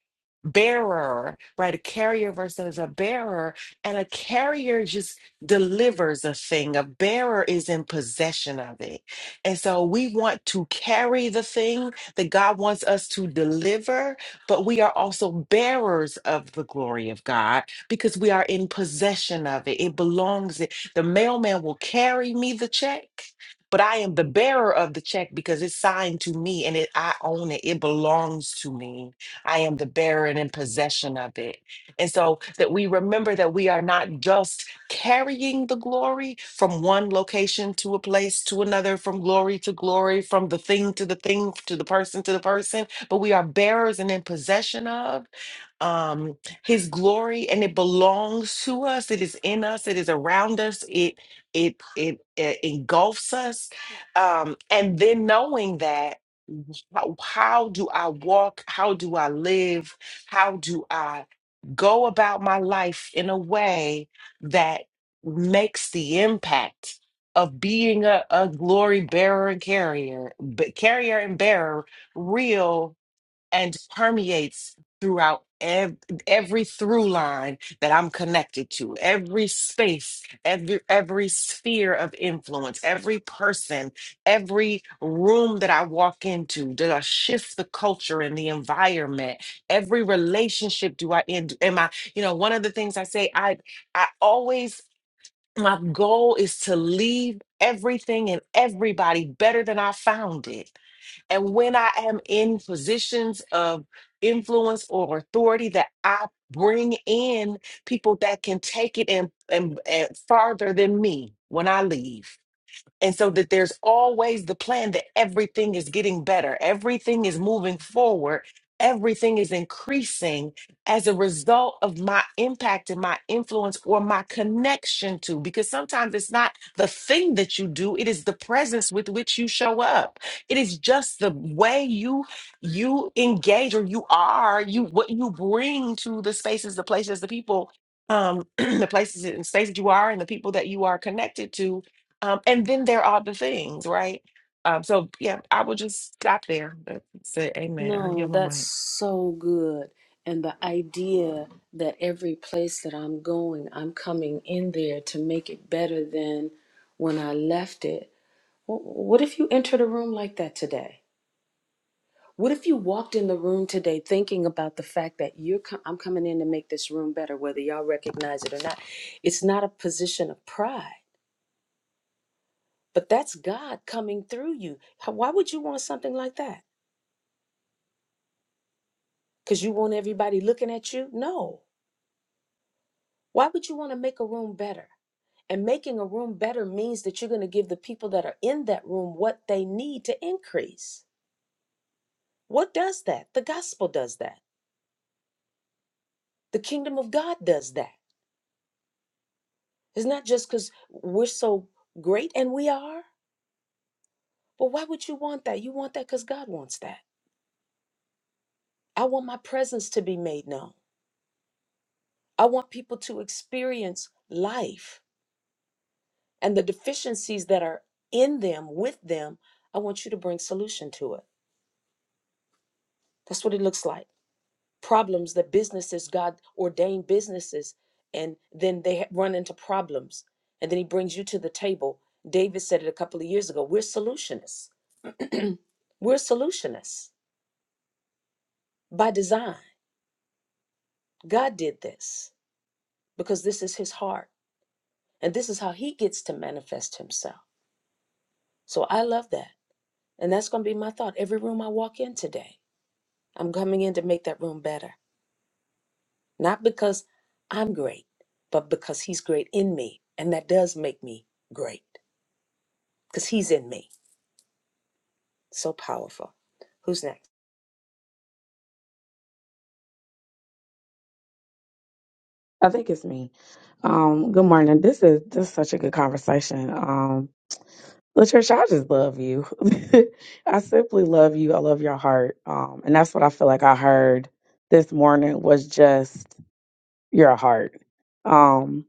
[SPEAKER 6] bearer, right? A carrier versus a bearer. And a carrier just delivers a thing. A bearer is in possession of it. And so we want to carry the thing that God wants us to deliver, but we are also bearers of the glory of God because we are in possession of it. It belongs, the mailman will carry me the check but I am the bearer of the check because it's signed to me and it I own it. It belongs to me. I am the bearer and in possession of it. And so that we remember that we are not just carrying the glory from one location to a place to another, from glory to glory, from the thing to the thing, to the person to the person, but we are bearers and in possession of um his glory and it belongs to us it is in us it is around us It it it, it engulfs us um and then knowing that how, how do i walk how do i live how do i go about my life in a way that makes the impact of being a, a glory bearer and carrier but carrier and bearer real and permeates throughout ev- every through line that I'm connected to, every space, every every sphere of influence, every person, every room that I walk into. Do I shift the culture and the environment? Every relationship do I end? Am I, you know, one of the things I say, I I always my goal is to leave everything and everybody better than I found it and when I am in positions of influence or authority, that I bring in people that can take it and, and, and farther than me when I leave and so that there's always the plan that everything is getting better, everything is moving forward, everything is increasing as a result of my impact and my influence or my connection to. Because sometimes it's not the thing that you do, it is the presence with which you show up. It is just the way you you engage or you are, you what you bring to the spaces, the places, the people, um, *clears throat* the places and spaces that you are and the people that you are connected to um, and then there are the things, right? Um, so yeah, I will just stop there. That's it. Amen. I
[SPEAKER 1] No,
[SPEAKER 6] give my
[SPEAKER 1] that's
[SPEAKER 6] mic.
[SPEAKER 1] so good. And the idea that every place that I'm going, I'm coming in there to make it better than when I left it. Wh- What if you entered a room like that today? What if you walked in the room today thinking about the fact that you're com- I'm coming in to make this room better, whether y'all recognize it or not? It's not a position of pride, but that's God coming through you. How- Why would you want something like that? Because you want everybody looking at you? No. Why would you want to make a room better? And making a room better means that you're going to give the people that are in that room what they need to increase. What does that? The gospel does that. The kingdom of God does that. It's not just because we're so great, and we are, but why would you want that? You want that because God wants that. I want my presence to be made known. I want people to experience life and the deficiencies that are in them, with them. I want you to bring solution to it. That's what it looks like. Problems that businesses, God ordained businesses, and then they ha- run into problems. And then He brings you to the table. David said it a couple of years ago. We're solutionists. We're solutionists by design. God did this because this is his heart and this is how he gets to manifest himself. So I love that. And that's going to be my thought every room I walk in today. I'm coming in to make that room better, not because I'm great, but because he's great in me. And that does make me great because he's in me. So powerful. Who's next?
[SPEAKER 7] I think it's me. Um, good morning. This is just such a good conversation. Um, Latricia, I just love you. *laughs* I simply love you. I love your heart. Um, and that's what I feel like I heard this morning was just your heart. Um,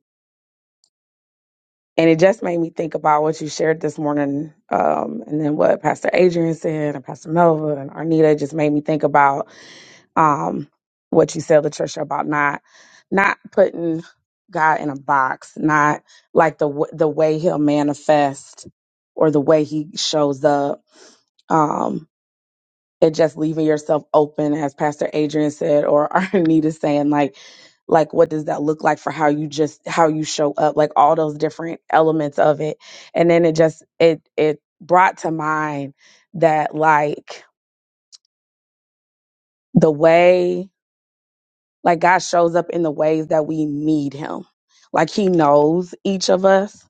[SPEAKER 7] and it just made me think about what you shared this morning, um, and then what Pastor Adrian said and Pastor Melva and Arnita just made me think about um, what you said, Latricia, about not not putting God in a box, not like the w- the way He'll manifest or the way He shows up, um, and just leaving yourself open, as Pastor Adrian said, or *laughs* Arnita saying, like, like what does that look like for how you just how you show up, like all those different elements of it, and then it just it it brought to mind that like the way Like God shows up in the ways that we need him. Like he knows each of us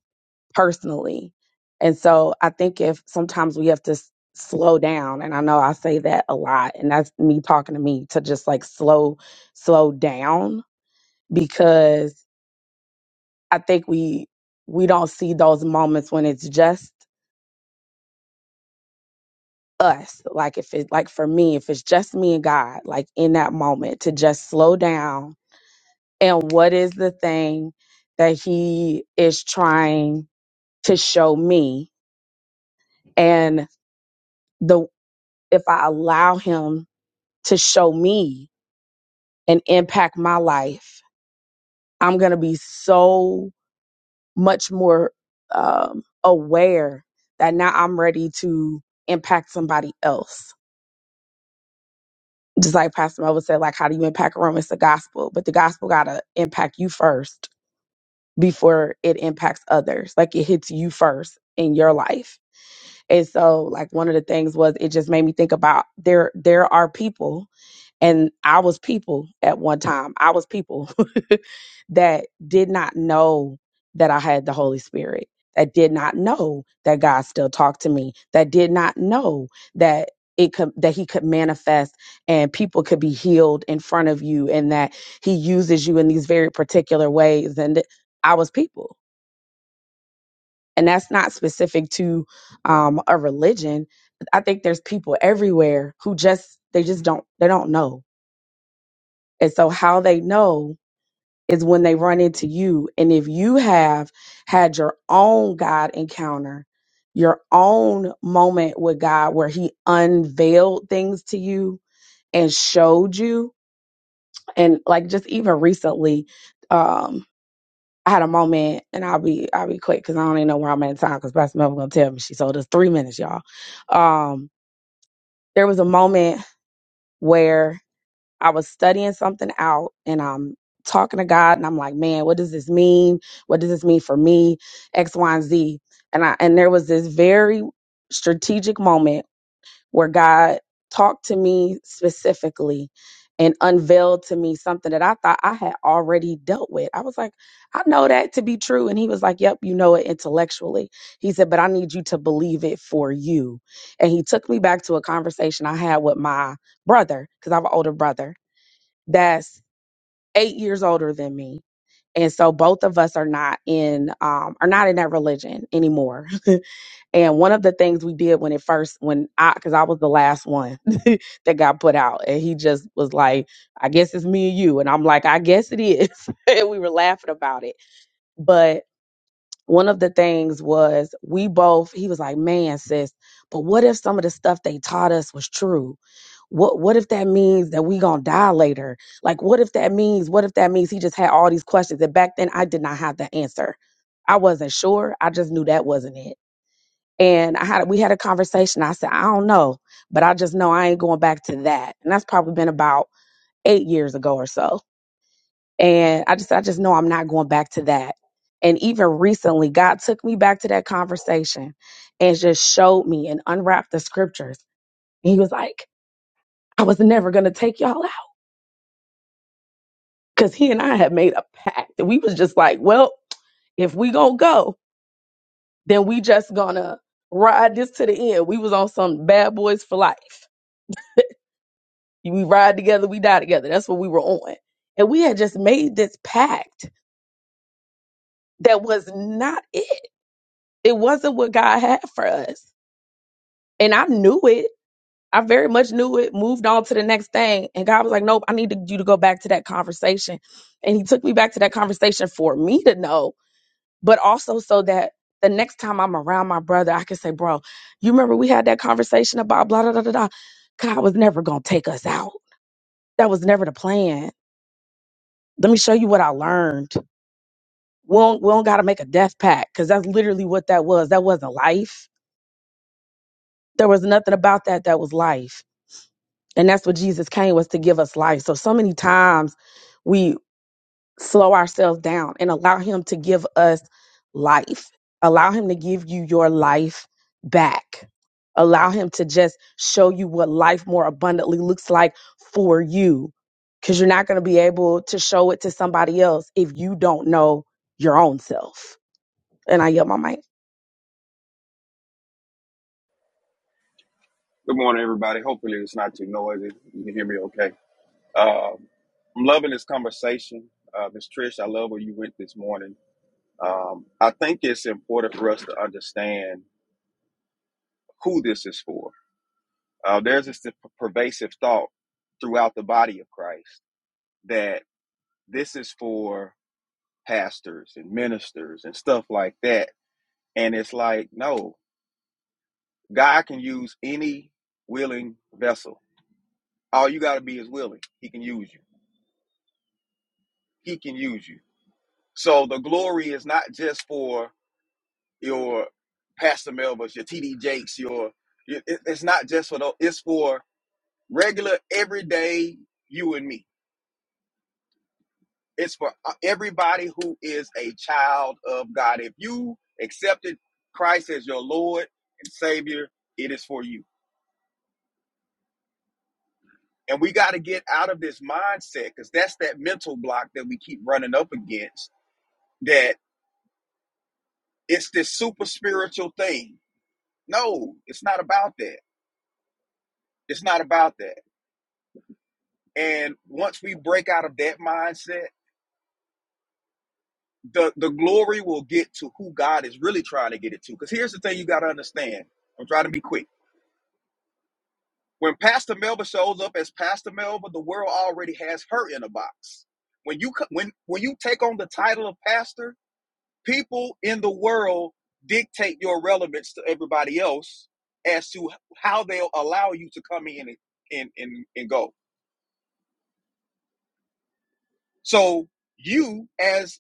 [SPEAKER 7] personally. And so I think if sometimes we have to s- slow down and I know I say that a lot and that's me talking to me to just like slow slow down because I think we we don't see those moments when it's just us like if it like for me if it's just me and God like in that moment to just slow down and what is the thing that he is trying to show me and the if i allow him to show me and impact my life i'm going to be so much more um, aware that now i'm ready to impact somebody else just like pastor Melvin said like how do you impact a room it's the gospel but the gospel got to impact you first before it impacts others like it hits you first in your life And so like one of the things was it just made me think about there there are people and I was people at one time. I was people *laughs* that did not know that I had the Holy Spirit. That did not know that God still talked to me. That did not know that it could that he could manifest and people could be healed in front of you and that he uses you in these very particular ways and I was people and that's not specific to um, a religion i think there's people everywhere who just they just don't they don't know and so how they know is when they run into you and if you have had your own god encounter your own moment with god where he unveiled things to you and showed you and like just even recently um, I had a moment, and I'll be I'll be quick because I don't even know where I'm at in time because Pastor Melvin gonna tell me she sold us three minutes, y'all. Um, there was a moment where I was studying something out, and I'm talking to God, and I'm like, man, what does this mean? What does this mean for me? X, Y, and Z. And I and there was this very strategic moment where God talked to me specifically and unveiled to me something that I thought I had already dealt with. I was like, I know that to be true. And he was like, Yep, you know it intellectually. He said, But I need you to believe it for you. And he took me back to a conversation I had with my brother, because I have an older brother that's eight years older than me. And so both of us are not in um, are not in that religion anymore. *laughs* And one of the things we did when it first, when I, because I was the last one *laughs* that got put out, and he just was like, I guess it's me and you. And I'm like, I guess it is. *laughs* and we were laughing about it. But one of the things was we both, he was like, man, sis, but what if some of the stuff they taught us was true? What what if that means that we gonna die later? Like what if that means, what if that means he just had all these questions? And back then I did not have the answer. I wasn't sure. I just knew that wasn't it. And I had we had a conversation. I said, I don't know, but I just know I ain't going back to that. And that's probably been about eight years ago or so. And I just I just know I'm not going back to that. And even recently, God took me back to that conversation and just showed me and unwrapped the scriptures. And he was like, I was never gonna take y'all out. Cause he and I had made a pact. And we was just like, well, if we gonna go, then we just gonna ride this to the end. We was on some bad boys for life We ride together, we die together. That's what we were on. And we had just made this pact that was not it. It wasn't what God had for us. And I knew it. I very much knew it, moved on to the next thing. And God was like, Nope, I need to- you to go back to that conversation. And He took me back to that conversation for me to know, but also so that the next time I'm around my brother, I can say, Bro, you remember we had that conversation about blah, blah, blah, blah. blah. God was never going to take us out. That was never the plan. Let me show you what I learned. we don't, we don't got to make a death pact because that's literally what that was. That wasn't life. There was nothing about that that was life. And that's what Jesus came was to give us life. So, so many times we slow ourselves down and allow Him to give us life, allow Him to give you your life back, allow Him to just show you what life more abundantly looks like for you. Because you're not going to be able to show it to somebody else if you don't know your own self. And I yell my mic.
[SPEAKER 8] Good morning, everybody. Hopefully, it's not too noisy. You can hear me okay. Um, I'm loving this conversation. Uh, Ms. Trish, I love where you went this morning. Um, I think it's important for us to understand who this is for. Uh, there's this pervasive thought throughout the body of Christ that this is for pastors and ministers and stuff like that. And it's like, no, God can use any willing vessel. All you got to be is willing. He can use you. He can use you. So the glory is not just for your Pastor Melvins, your TD Jakes, your it- it- it's not just for those. It's for regular, everyday you and me. It's for uh, everybody who is a child of God. If you accepted Christ as your Lord and Savior, it is for you. And we got to get out of this mindset because that's that mental block that we keep running up against. That it's this super spiritual thing. No, it's not about that It's not about that. And once we break out of that mindset, the, the glory will get to who God is really trying to get it to. Because here's the thing you got to understand. I'm trying to be quick. When Pastor Melba shows up as Pastor Melba, the world already has her in a box. When you co- when when you take on the title of pastor, people in the world dictate your relevance to everybody else as to how they'll allow you to come in and and, and, and go. So you as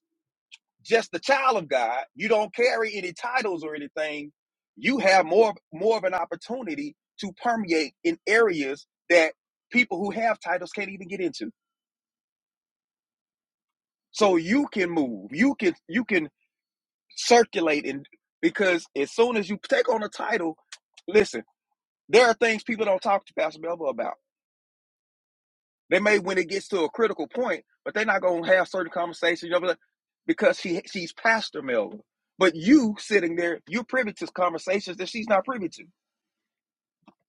[SPEAKER 8] just the child of God, you don't carry any titles or anything, you have more more of an opportunity to permeate in areas that people who have titles can't even get into. So you can move, you can you can circulate and because as soon as you take on a title, listen, there are things people don't talk to Pastor Melville about They may when it gets to a critical point, but they're not gonna have certain conversations, you know, because she she's Pastor Melvin. But you sitting there, you're privy to conversations that she's not privy to.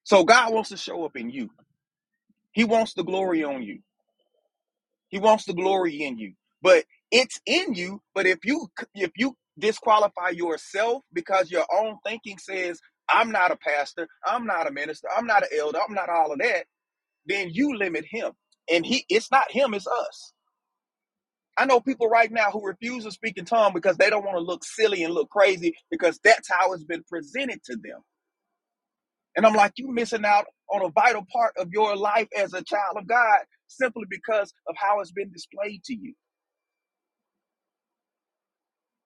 [SPEAKER 8] So God wants to show up in you. He wants the glory on you. He wants the glory in you. But it's in you. But if you if you disqualify yourself because your own thinking says, I'm not a pastor, I'm not a minister, I'm not an elder, I'm not all of that, then you limit him. And he it's not him, it's us. I know people right now who refuse to speak in tongues because they don't want to look silly and look crazy because that's how it's been presented to them. And I'm like, you are missing out on a vital part of your life as a child of God simply because of how it's been displayed to you.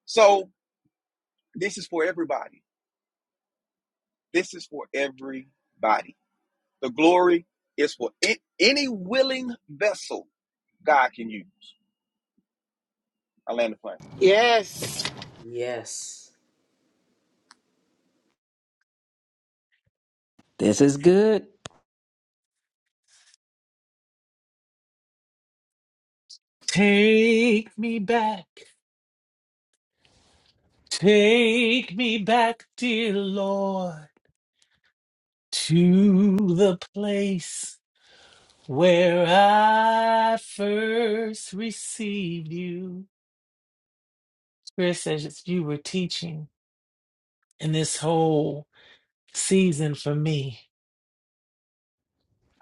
[SPEAKER 8] So this is for everybody. This is for everybody. The glory is for any willing vessel God can use. I land the plane.
[SPEAKER 4] Yes.
[SPEAKER 1] Yes.
[SPEAKER 9] This is good.
[SPEAKER 10] Take me back, take me back, dear Lord, to the place where I first received you. Spirit says it's- you were teaching in this whole season for me.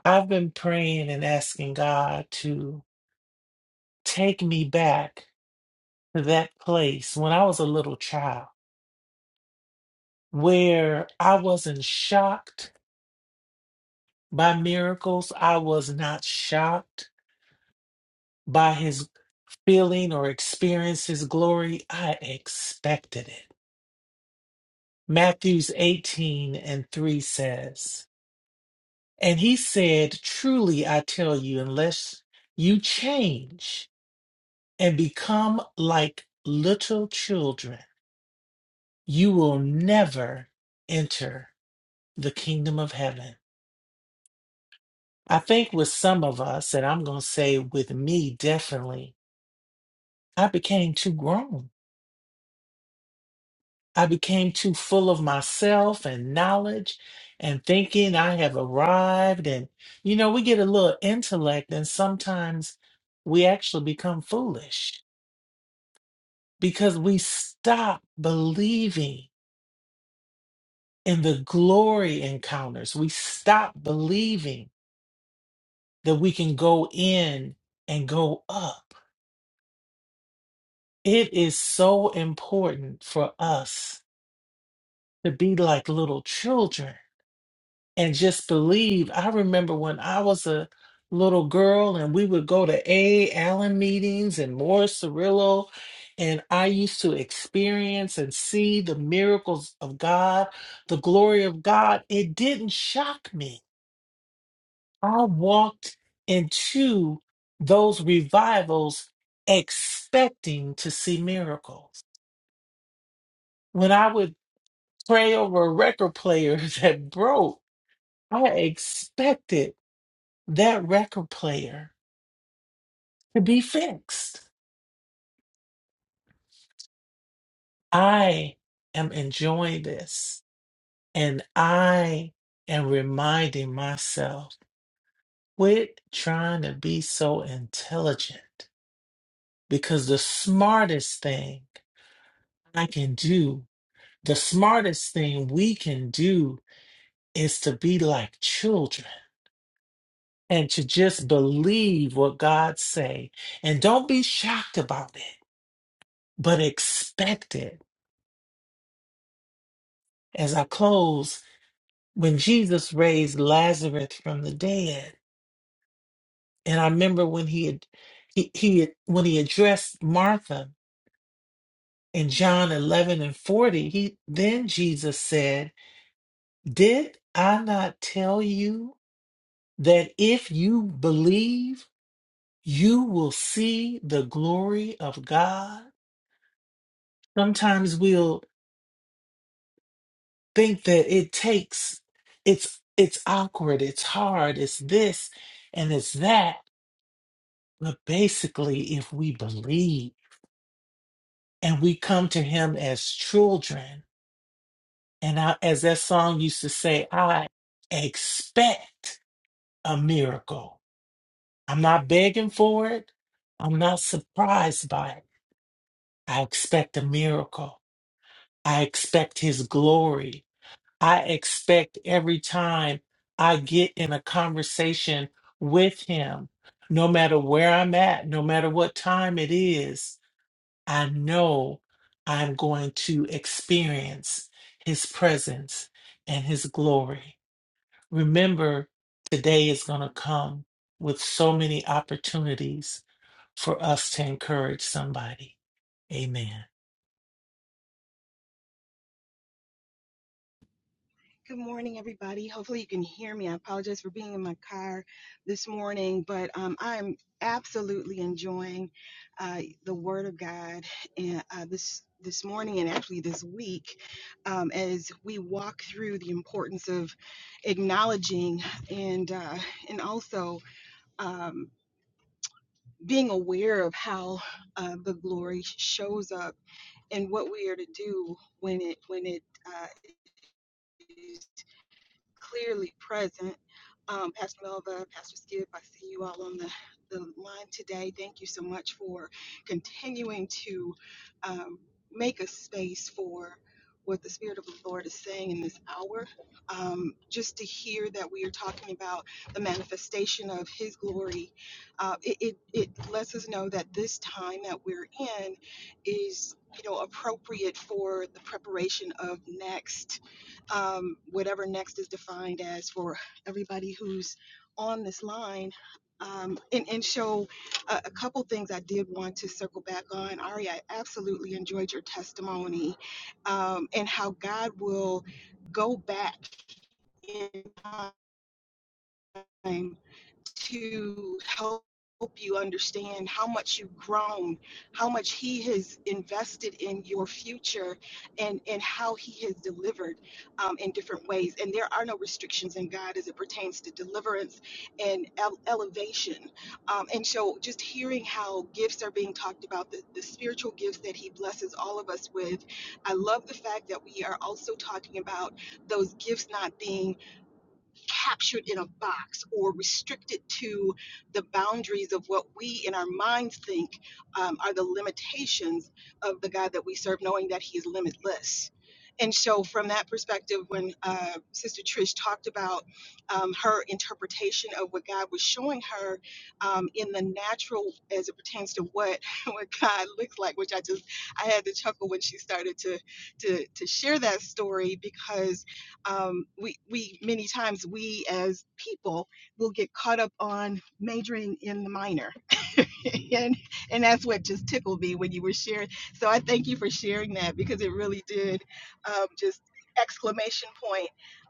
[SPEAKER 10] I've been praying and asking God to take me back to that place when I was a little child where I wasn't shocked by miracles. I was not shocked by his feeling or experience his glory. I expected it. Matthews 18 and 3 says, And he said, Truly I tell you, unless you change and become like little children, you will never enter the kingdom of heaven. I think with some of us, and I'm going to say with me definitely, I became too grown. I became too full of myself and knowledge and thinking I have arrived. And, you know, we get a little intellect and sometimes we actually become foolish because we stop believing in the glory encounters. We stop believing that we can go in and go up. It is so important for us to be like little children and just believe. I remember when I was a little girl and we would go to A. Allen meetings and Morris Cirillo, and I used to experience and see the miracles of God, the glory of God. It didn't shock me. I walked into those revivals expecting to see miracles. When I would pray over a record player *laughs* that broke, I expected. that record player to be fixed. I am enjoying this and I am reminding myself quit trying to be so intelligent because the smartest thing I can do, the smartest thing we can do is to be like children and to just believe what God say and don't be shocked about it but expect it as I close when Jesus raised Lazarus from the dead, and I remember when he had, he, he had, when he addressed Martha in John 11 and 40, he then Jesus said, "Did I not tell you that if you believe, you will see the glory of God?" Sometimes we'll think that it takes it's it's awkward, it's hard, it's this and it's that But basically, if we believe and we come to Him as children, and I, as that song used to say, I expect a miracle. I'm not begging for it, I'm not surprised by it. I expect a miracle. I expect His glory. I expect every time I get in a conversation with Him, no matter where I'm at, no matter what time it is. I know I'm going to experience his presence and his glory. Remember, today is going to come with so many opportunities for us to encourage somebody. Amen.
[SPEAKER 11] Good morning, everybody. Hopefully, you can hear me. I apologize for being in my car this morning, but um, I'm absolutely enjoying uh, the Word of God and, uh, this this morning and actually this week um, as we walk through the importance of acknowledging and uh, and also um, being aware of how uh, the glory shows up and what we are to do when it when it uh, clearly present. Um, Pastor Melva, Pastor Skip, I see you all on the, the line today. Thank you so much for continuing to um, make a space for what the Spirit of the Lord is saying in this hour. Um, just to hear that we are talking about the manifestation of His glory, uh, it, it, it lets us know that this time that we're in is, you know, appropriate for the preparation of next um, whatever next is defined as for everybody who's on this line. Um, and, and show a, a couple things I did want to circle back on. Ari, I absolutely enjoyed your testimony um, and how God will go back in time to help you understand how much you've grown, how much He has invested in your future, and, and how He has delivered um, in different ways. And there are no restrictions in God as it pertains to deliverance and ele- elevation. Um, and so, just hearing how gifts are being talked about, the, the spiritual gifts that He blesses all of us with, I love the fact that we are also talking about those gifts not being captured in a box or restricted to the boundaries of what we in our minds think um, are the limitations of the God that we serve, knowing that He is limitless. And so, from that perspective, when uh, Sister Trish talked about um, her interpretation of what God was showing her um, in the natural, as it pertains to what *laughs* what God looks like, which I just I had to chuckle when she started to to to share that story because um, we we many times we as people will get caught up on majoring in the minor *laughs* and, and that's what just tickled me when you were sharing. So I thank you for sharing that because it really did um, just exclamation point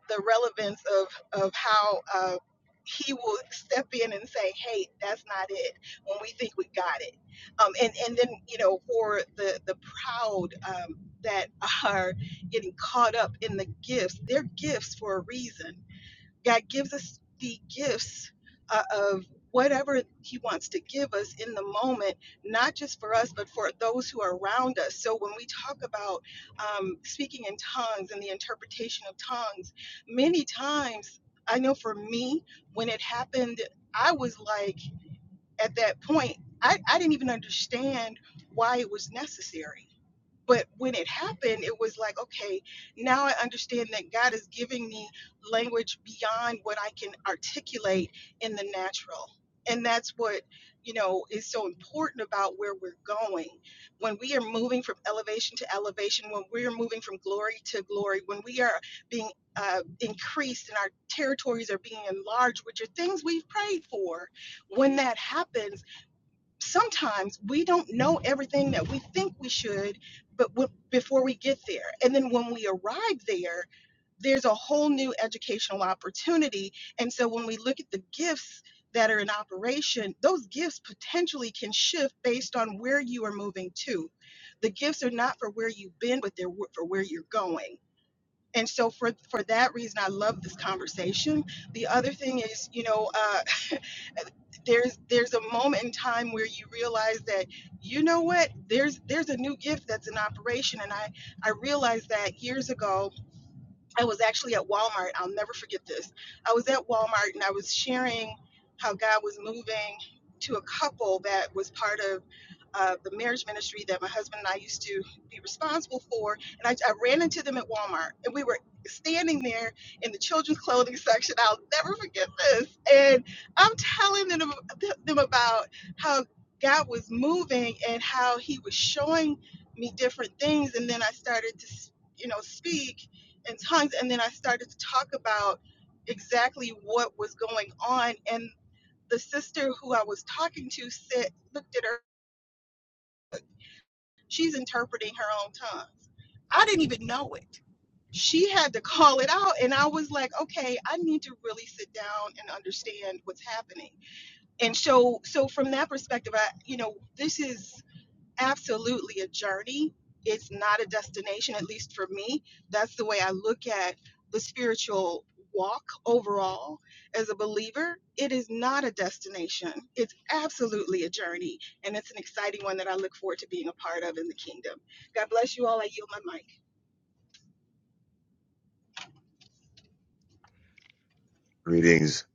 [SPEAKER 11] the relevance of of how uh, he will step in and say, "Hey, that's not it." When we think we got it, um, and and then you know for the the proud um, that are getting caught up in the gifts, they're gifts for a reason God gives us the gifts uh, of whatever He wants to give us in the moment, not just for us, but for those who are around us. So when we talk about um, speaking in tongues and the interpretation of tongues, many times, I know for me, when it happened, I was like, at that point, I, I didn't even understand why it was necessary but when it happened, it was like, okay, now I understand that God is giving me language beyond what I can articulate in the natural. And that's what, you know, is so important about where we're going. When we are moving from elevation to elevation, when we're moving from glory to glory, when we are being uh, increased and our territories are being enlarged, which are things we've prayed for, when that happens, sometimes we don't know everything that we think we should but w- before we get there and then when we arrive there there's a whole new educational opportunity and so when we look at the gifts that are in operation those gifts potentially can shift based on where you are moving to the gifts are not for where you've been but they're wh- for where you're going and so for for that reason i love this conversation the other thing is you know uh, there's there's a moment in time where you realize that you know what there's there's a new gift that's in operation and i i realized that years ago I was actually at Walmart. I'll never forget this. I was at Walmart and I was sharing how God was moving to a couple that was part of uh, the marriage ministry that my husband and I used to be responsible for. And I, I ran into them at Walmart and we were standing there in the children's clothing section. I'll never forget this. And I'm telling them, them about how God was moving and how he was showing me different things. And then I started to, you know, speak and tongues. And then I started to talk about exactly what was going on. And the sister who I was talking to said, looked at her, she's interpreting her own tongues. I didn't even know it. She had to call it out. And I was like, okay, I need to really sit down and understand what's happening. And so, so from that perspective, I, you know, this is absolutely a journey. It's not a destination, at least for me. That's the way I look at the spiritual walk overall as a believer. It is not a destination, it's absolutely a journey. And it's an exciting one that I look forward to being a part of in the kingdom. God bless you all. I yield my mic.
[SPEAKER 12] Greetings,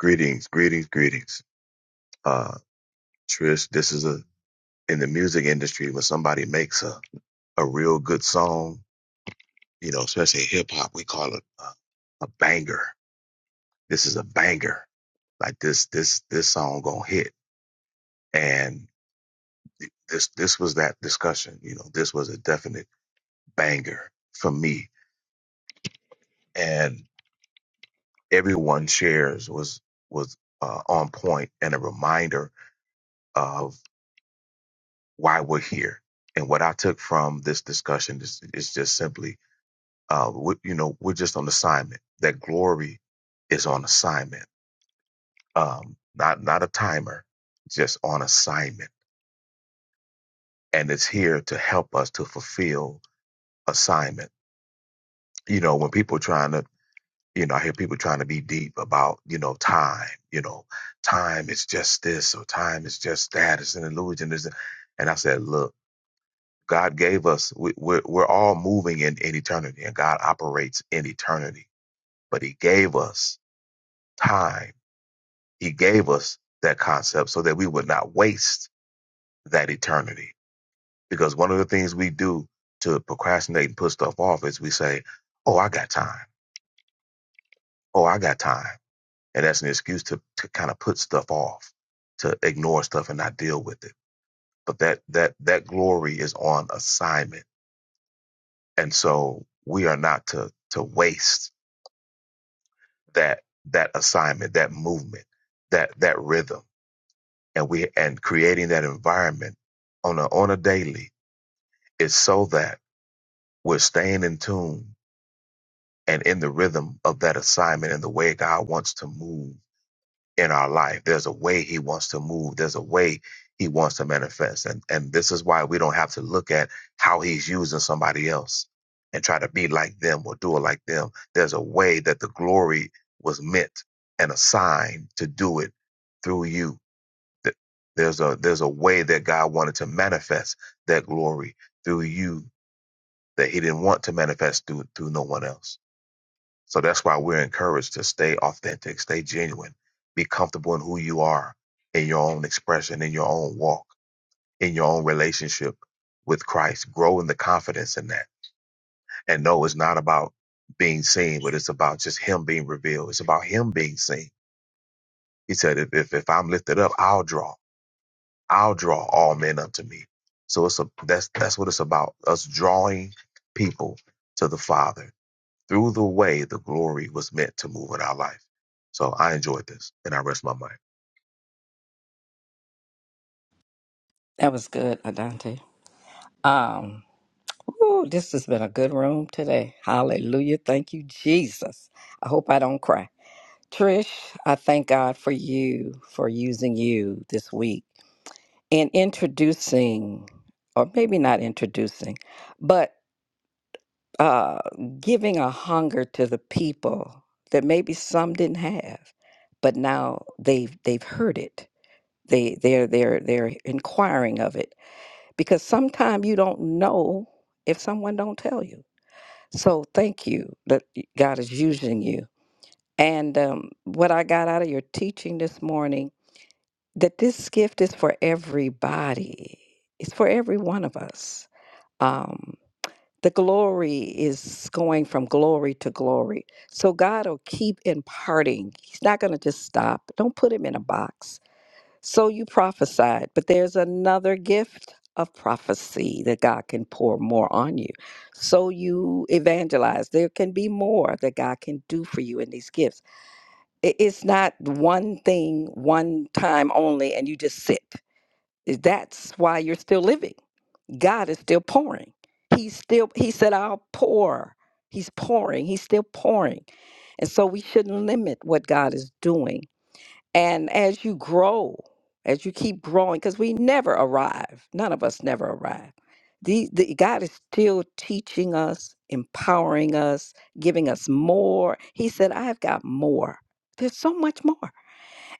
[SPEAKER 12] greetings, greetings, greetings. Uh, Trish, this is a in the music industry when somebody makes a, a real good song, you know, especially hip hop, we call it a, a banger. This is a banger. Like this, this, this song gonna hit. And th- this, this was that discussion. You know, this was a definite banger for me. And everyone shares was was uh, on point and a reminder why we're here. And what I took from this discussion is, is just simply, uh, we, you know, we're just on assignment. That glory is on assignment, um, not not a timer, just on assignment, and it's here to help us to fulfill assignment. You know, when people trying to, you know, I hear people trying to be deep about, you know, time. You know, time is just this, or time is just that. It's an illusion. Is and I said, look. God gave us, we, we're, we're all moving in, in eternity and God operates in eternity, but he gave us time. He gave us that concept so that we would not waste that eternity. Because one of the things we do to procrastinate and put stuff off is we say, Oh, I got time. Oh, I got time. And that's an excuse to, to kind of put stuff off, to ignore stuff and not deal with it. But that, that, that glory is on assignment. And so we are not to, to waste that that assignment, that movement, that that rhythm, and we and creating that environment on a on a daily is so that we're staying in tune and in the rhythm of that assignment and the way God wants to move in our life. There's a way he wants to move. There's a way he wants to manifest. And and this is why we don't have to look at how he's using somebody else and try to be like them or do it like them. There's a way that the glory was meant and assigned to do it through you. Th- There's a there's a way that God wanted to manifest that glory through you that he didn't want to manifest through through no one else. So that's why we're encouraged to stay authentic, stay genuine, be comfortable in who you are, in your own expression, in your own walk, in your own relationship with Christ. Grow in the confidence in that. And no, it's not about being seen, but it's about just Him being revealed. It's about Him being seen. He said, if, if, if I'm lifted up, I'll draw, I'll draw all men unto me. So it's a, that's, that's what it's about. Us drawing people to the Father through the way the glory was meant to move in our life. So I enjoyed this and I rest my mind.
[SPEAKER 9] That was good, Adante. Um, ooh, this has been a good room today. Hallelujah. Thank you, Jesus. I hope I don't cry. Trish, I thank God for you for using you this week and introducing, or maybe not introducing, but uh, giving a hunger to the people that maybe some didn't have, but now they've they've heard it. They they're they're they're inquiring of it because sometimes you don't know if someone don't tell you so thank you that god is using you and um, what i got out of your teaching this morning that this gift is for everybody it's for every one of us um, the glory is going from glory to glory so god will keep imparting he's not going to just stop don't put him in a box so you prophesied, but there's another gift of prophecy that God can pour more on you. So you evangelize. There can be more that God can do for you in these gifts. I- It's not one thing, one time only, and you just sit. That's why you're still living. God is still pouring. He's still, He said, I'll pour. He's pouring. He's still pouring. And so we shouldn't limit what God is doing and as you grow, as you keep growing, because we never arrive, none of us never arrive. The, the, God is still teaching us, empowering us, giving us more. He said, I've got more. There's so much more.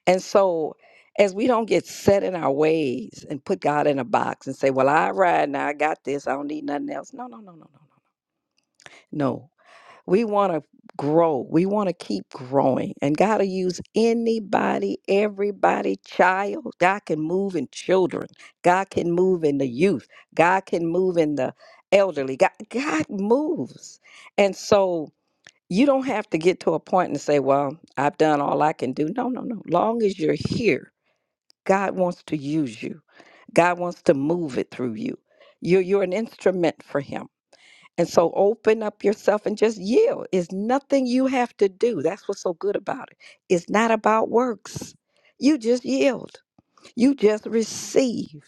[SPEAKER 9] And so, as we don't get set in our ways and put God in a box and say, Well, I ride now, I got this, I don't need nothing else. No, no, no, no, no, no. No, we want to grow. We want to keep growing. And God will use anybody, everybody, child. God can move in children. God can move in the youth. God can move in the elderly. God, God moves. And so you don't have to get to a point and say, well, I've done all I can do. No, no, no. Long as you're here, God wants to use you. God wants to move it through you. You're, you're an instrument for Him. And so open up yourself and just yield. It's nothing you have to do. That's what's so good about it. It's not about works. You just yield. You just receive.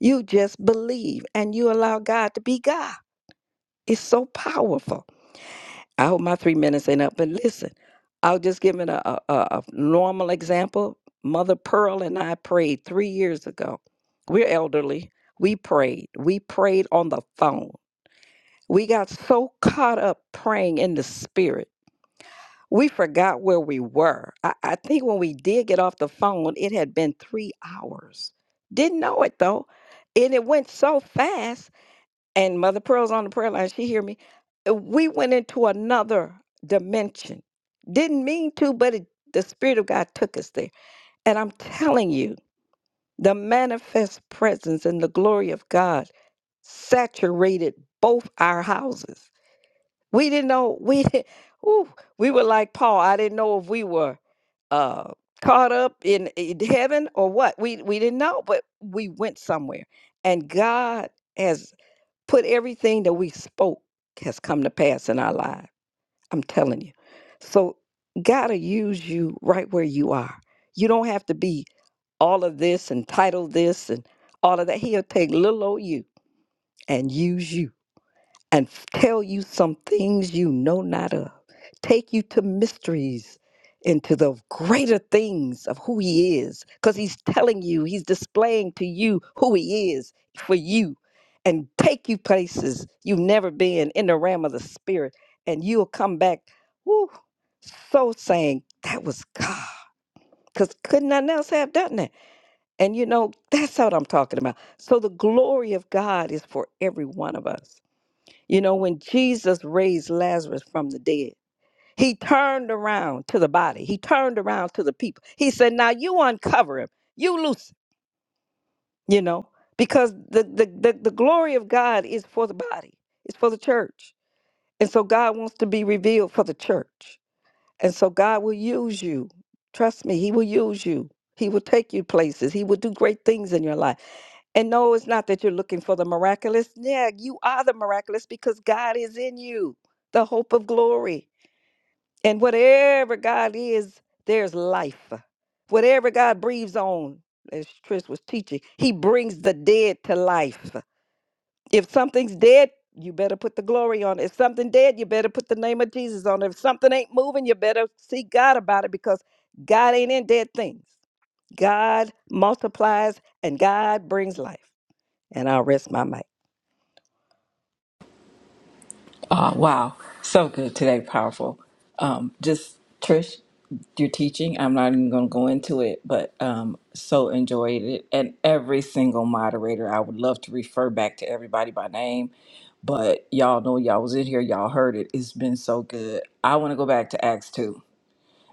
[SPEAKER 9] You just believe and you allow God to be God. It's so powerful. I hope my three minutes ain't up, but listen, I'll just give it a, a, a a normal example. Mother Pearl and I prayed three years ago. We're elderly. We prayed. We prayed on the phone. We got so caught up praying in the spirit. We forgot where we were. I, I think when we did get off the phone, it had been three hours. Didn't know it though. And it went so fast. And Mother Pearl's on the prayer line. She hear me. Uh, We went into another dimension. Didn't mean to, but it, the Spirit of God took us there. And I'm telling you, the manifest presence and the glory of God saturated both our houses we didn't know we *laughs* ooh, we were like Paul. I didn't know if we were uh caught up in, in heaven or what. We we didn't know, but we went somewhere. And God has put everything that we spoke has come to pass in our lives. I'm telling you. So God to use you right where you are. You don't have to be all of this and title this and all of that. He'll take little old you and use you and f- tell you some things you know not of, take you to mysteries, into the greater things of who He is, because He's telling you, He's displaying to you who He is for you, and take you places you've never been in the realm of the Spirit, and you'll come back, whoo, so saying, That was God. Because couldn't none else have done that? And you know, that's what I'm talking about. So the glory of God is for every one of us you know, when Jesus raised Lazarus from the dead, he turned around to the body, he turned around to the people. He said, Now you uncover him, you loose him, you know, because the, the, the, the glory of God is for the body, it's for the church. And so God wants to be revealed for the church. And so God will use you. Trust me, he will use you. He will take you places. He will do great things in your life. And no, it's not that you're looking for the miraculous. Yeah, you are the miraculous because God is in you, the hope of glory. And whatever God is, there's life. Whatever God breathes on, as Trish was teaching, He brings the dead to life. If something's dead, you better put the glory on it. If something dead, you better put the name of Jesus on it. If something ain't moving, you better seek God about it because God ain't in dead things. God multiplies and God brings life. And I'll rest my mic.
[SPEAKER 13] Uh, wow, so good today, powerful. Um, just Trish, your teaching. I'm not even going to go into it, but um, so enjoyed it. And every single moderator, I would love to refer back to everybody by name, but y'all know y'all was in here, y'all heard it. It's been so good. I want to go back to Acts two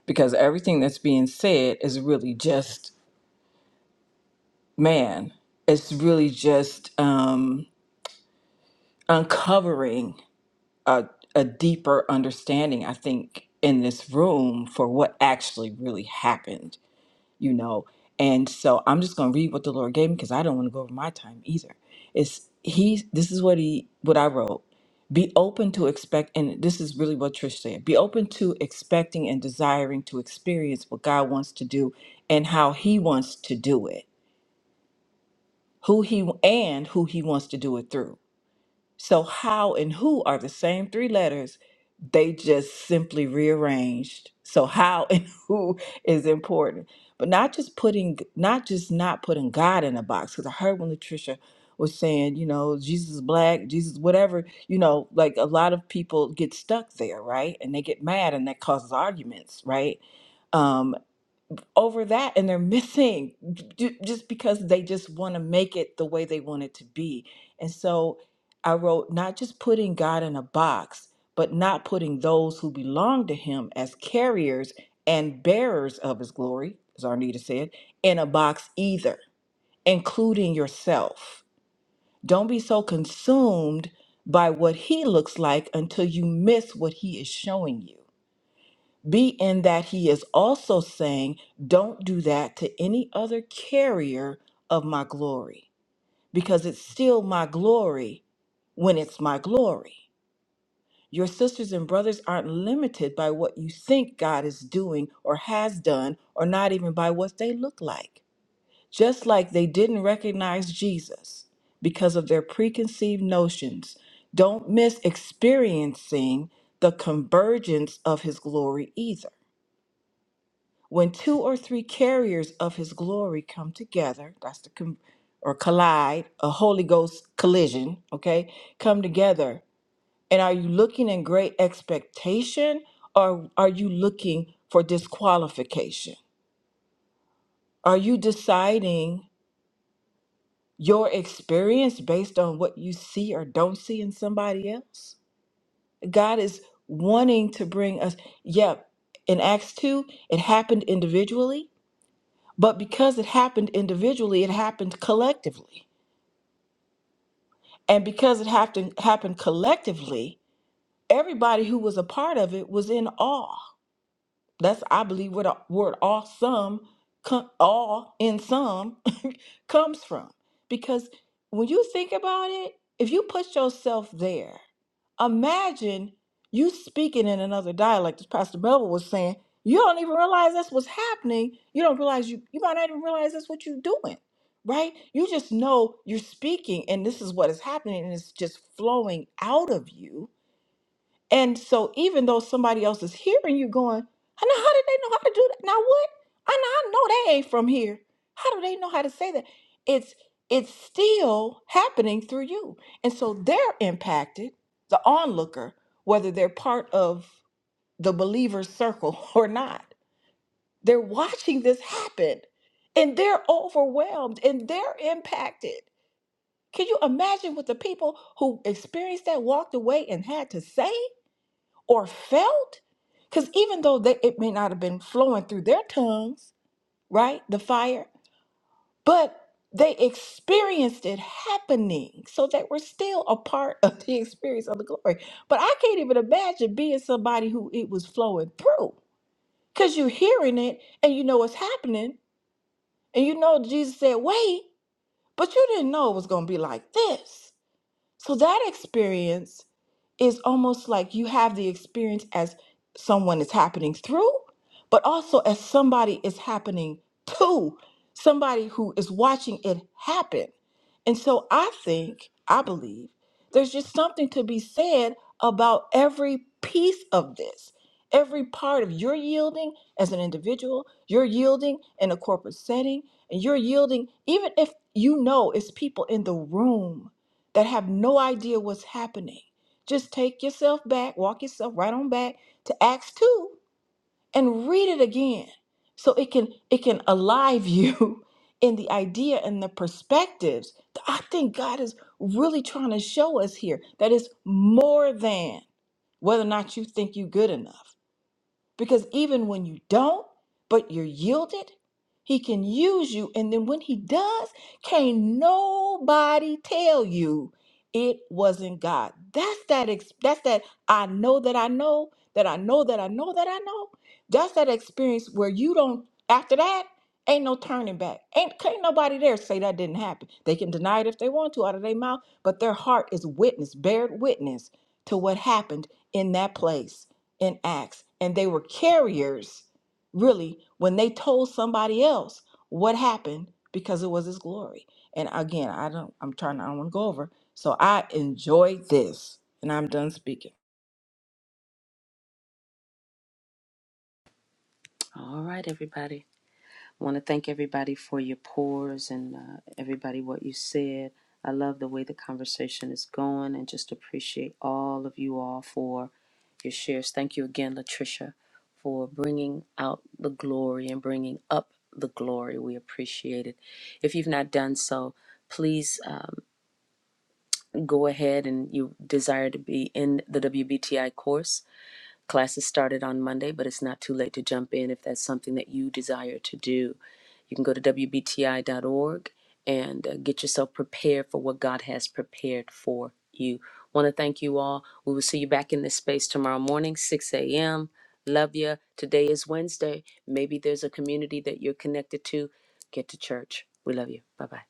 [SPEAKER 13] because everything that's being said is really just man. It's really just um, uncovering. a, a deeper understanding, I think, in this room for what actually really happened, you know. And so I'm just gonna read what the Lord gave me because I don't want to go over my time either. It's he this is what he what I wrote. Be open to expect and this is really what Trish said. Be open to expecting and desiring to experience what God wants to do and how he wants to do it. Who he and who he wants to do it through so, how and who are the same three letters, they just simply rearranged. So, how *laughs* and who is important, but not just putting, not just not putting God in a box. Because I heard when Latricia was saying, you know, Jesus is black, Jesus, whatever, you know, like a lot of people get stuck there, right? And they get mad and that causes arguments, right? Um, over that and they're missing ju- just because they just want to make it the way they want it to be. And so I wrote not just putting God in a box, but not putting those who belong to him as carriers and bearers of his glory, as Arnita said, in a box either, including yourself. Don't be so consumed by what he looks like until you miss what he is showing you. Be in that he is also saying, Don't do that to any other carrier of my glory, because it's still my glory when it's my glory. Your sisters and brothers aren't limited by what you think God is doing or has done, or not even by what they look like. Just like they didn't recognize Jesus because of their preconceived notions, don't miss experiencing the convergence of his glory either. When two or three carriers of his glory come together, that's the com- or collide, a Holy Ghost collision, okay, come together. And are you looking in great expectation or are you looking for disqualification? Are you deciding your experience based on what you see or don't see in somebody else? God is wanting to bring us, yep, in Acts 2, it happened individually But because it happened individually, it happened collectively. And because it happened happened collectively, everybody who was a part of it was in awe That's I believe where the word "awesome" co- all in some *laughs* comes from. Because when you think about it, if you put yourself there, imagine you speaking in another dialect, as Pastor Melville was saying, you don't even realize that's what's happening. You don't realize you you might not even realize that's what you're doing, right? You just know you're speaking and this is what is happening, and it's just flowing out of you and so even though somebody else is hearing you going, I know how did they know how to do that? Now what? I know I know they ain't from here. How do they know how to say that? It's it's still happening through you. And so they're impacted, the onlooker, whether they're part of the believer's circle *laughs* or not. They're watching this happen and they're overwhelmed and they're impacted. Can you imagine what the people who experienced that walked away and had to say? or felt because even though they, it may not have been flowing through their tongues right the fire but they experienced it happening so they were still a part of the experience of the glory but i can't even imagine being somebody who it was flowing through because you're hearing it and you know what's happening and you know jesus said wait but you didn't know it was going to be like this so that experience is almost like you have the experience as someone is happening through, but also as somebody is happening to, somebody who is watching it happen. And so I think, I believe, there's just something to be said about every piece of this. Every part of your yielding as an individual, you're yielding in a corporate setting, and you're yielding even if you know it's people in the room that have no idea what's happening. Just take yourself back, walk yourself right on back to Acts 2 and read it again. So it can it can alive you *laughs* in the idea and the perspectives. that I think God is really trying to show us here that it's more than whether or not you think you're good enough. Because even when you don't, but you're yielded, he can use you. And then when he does, can't nobody tell you it wasn't God. That's that ex- that's that I know that I know that I know that I know that I know. That's that experience where you don't after that ain't no turning back. Ain't can't nobody there say that didn't happen. They can deny it if they want to out of their mouth, but their heart is witness, bared witness to what happened in that place in Acts, and they were carriers, really, when they told somebody else what happened because it was his glory. And again, I don't, I'm trying, I don't want to go over. So I enjoy this, and I'm done speaking.
[SPEAKER 1] All right, everybody. I want to thank everybody for your pours and uh, everybody what you said. I love the way the conversation is going and just appreciate all of you all for your shares. Thank you again, Latricia, for bringing out the glory and bringing up the glory. We appreciate it. If you've not done so, please um, go ahead and you desire to be in the WBTI course. Classes started on Monday, but it's not too late to jump in if that's something that you desire to do. You can go to WBTI.org and uh, get yourself prepared for what God has prepared for you. Want to thank you all. We will see you back in this space tomorrow morning, 6 a.m. Love you. Today is Wednesday. Maybe there's a community that you're connected to. Get to church. We love you. Bye bye.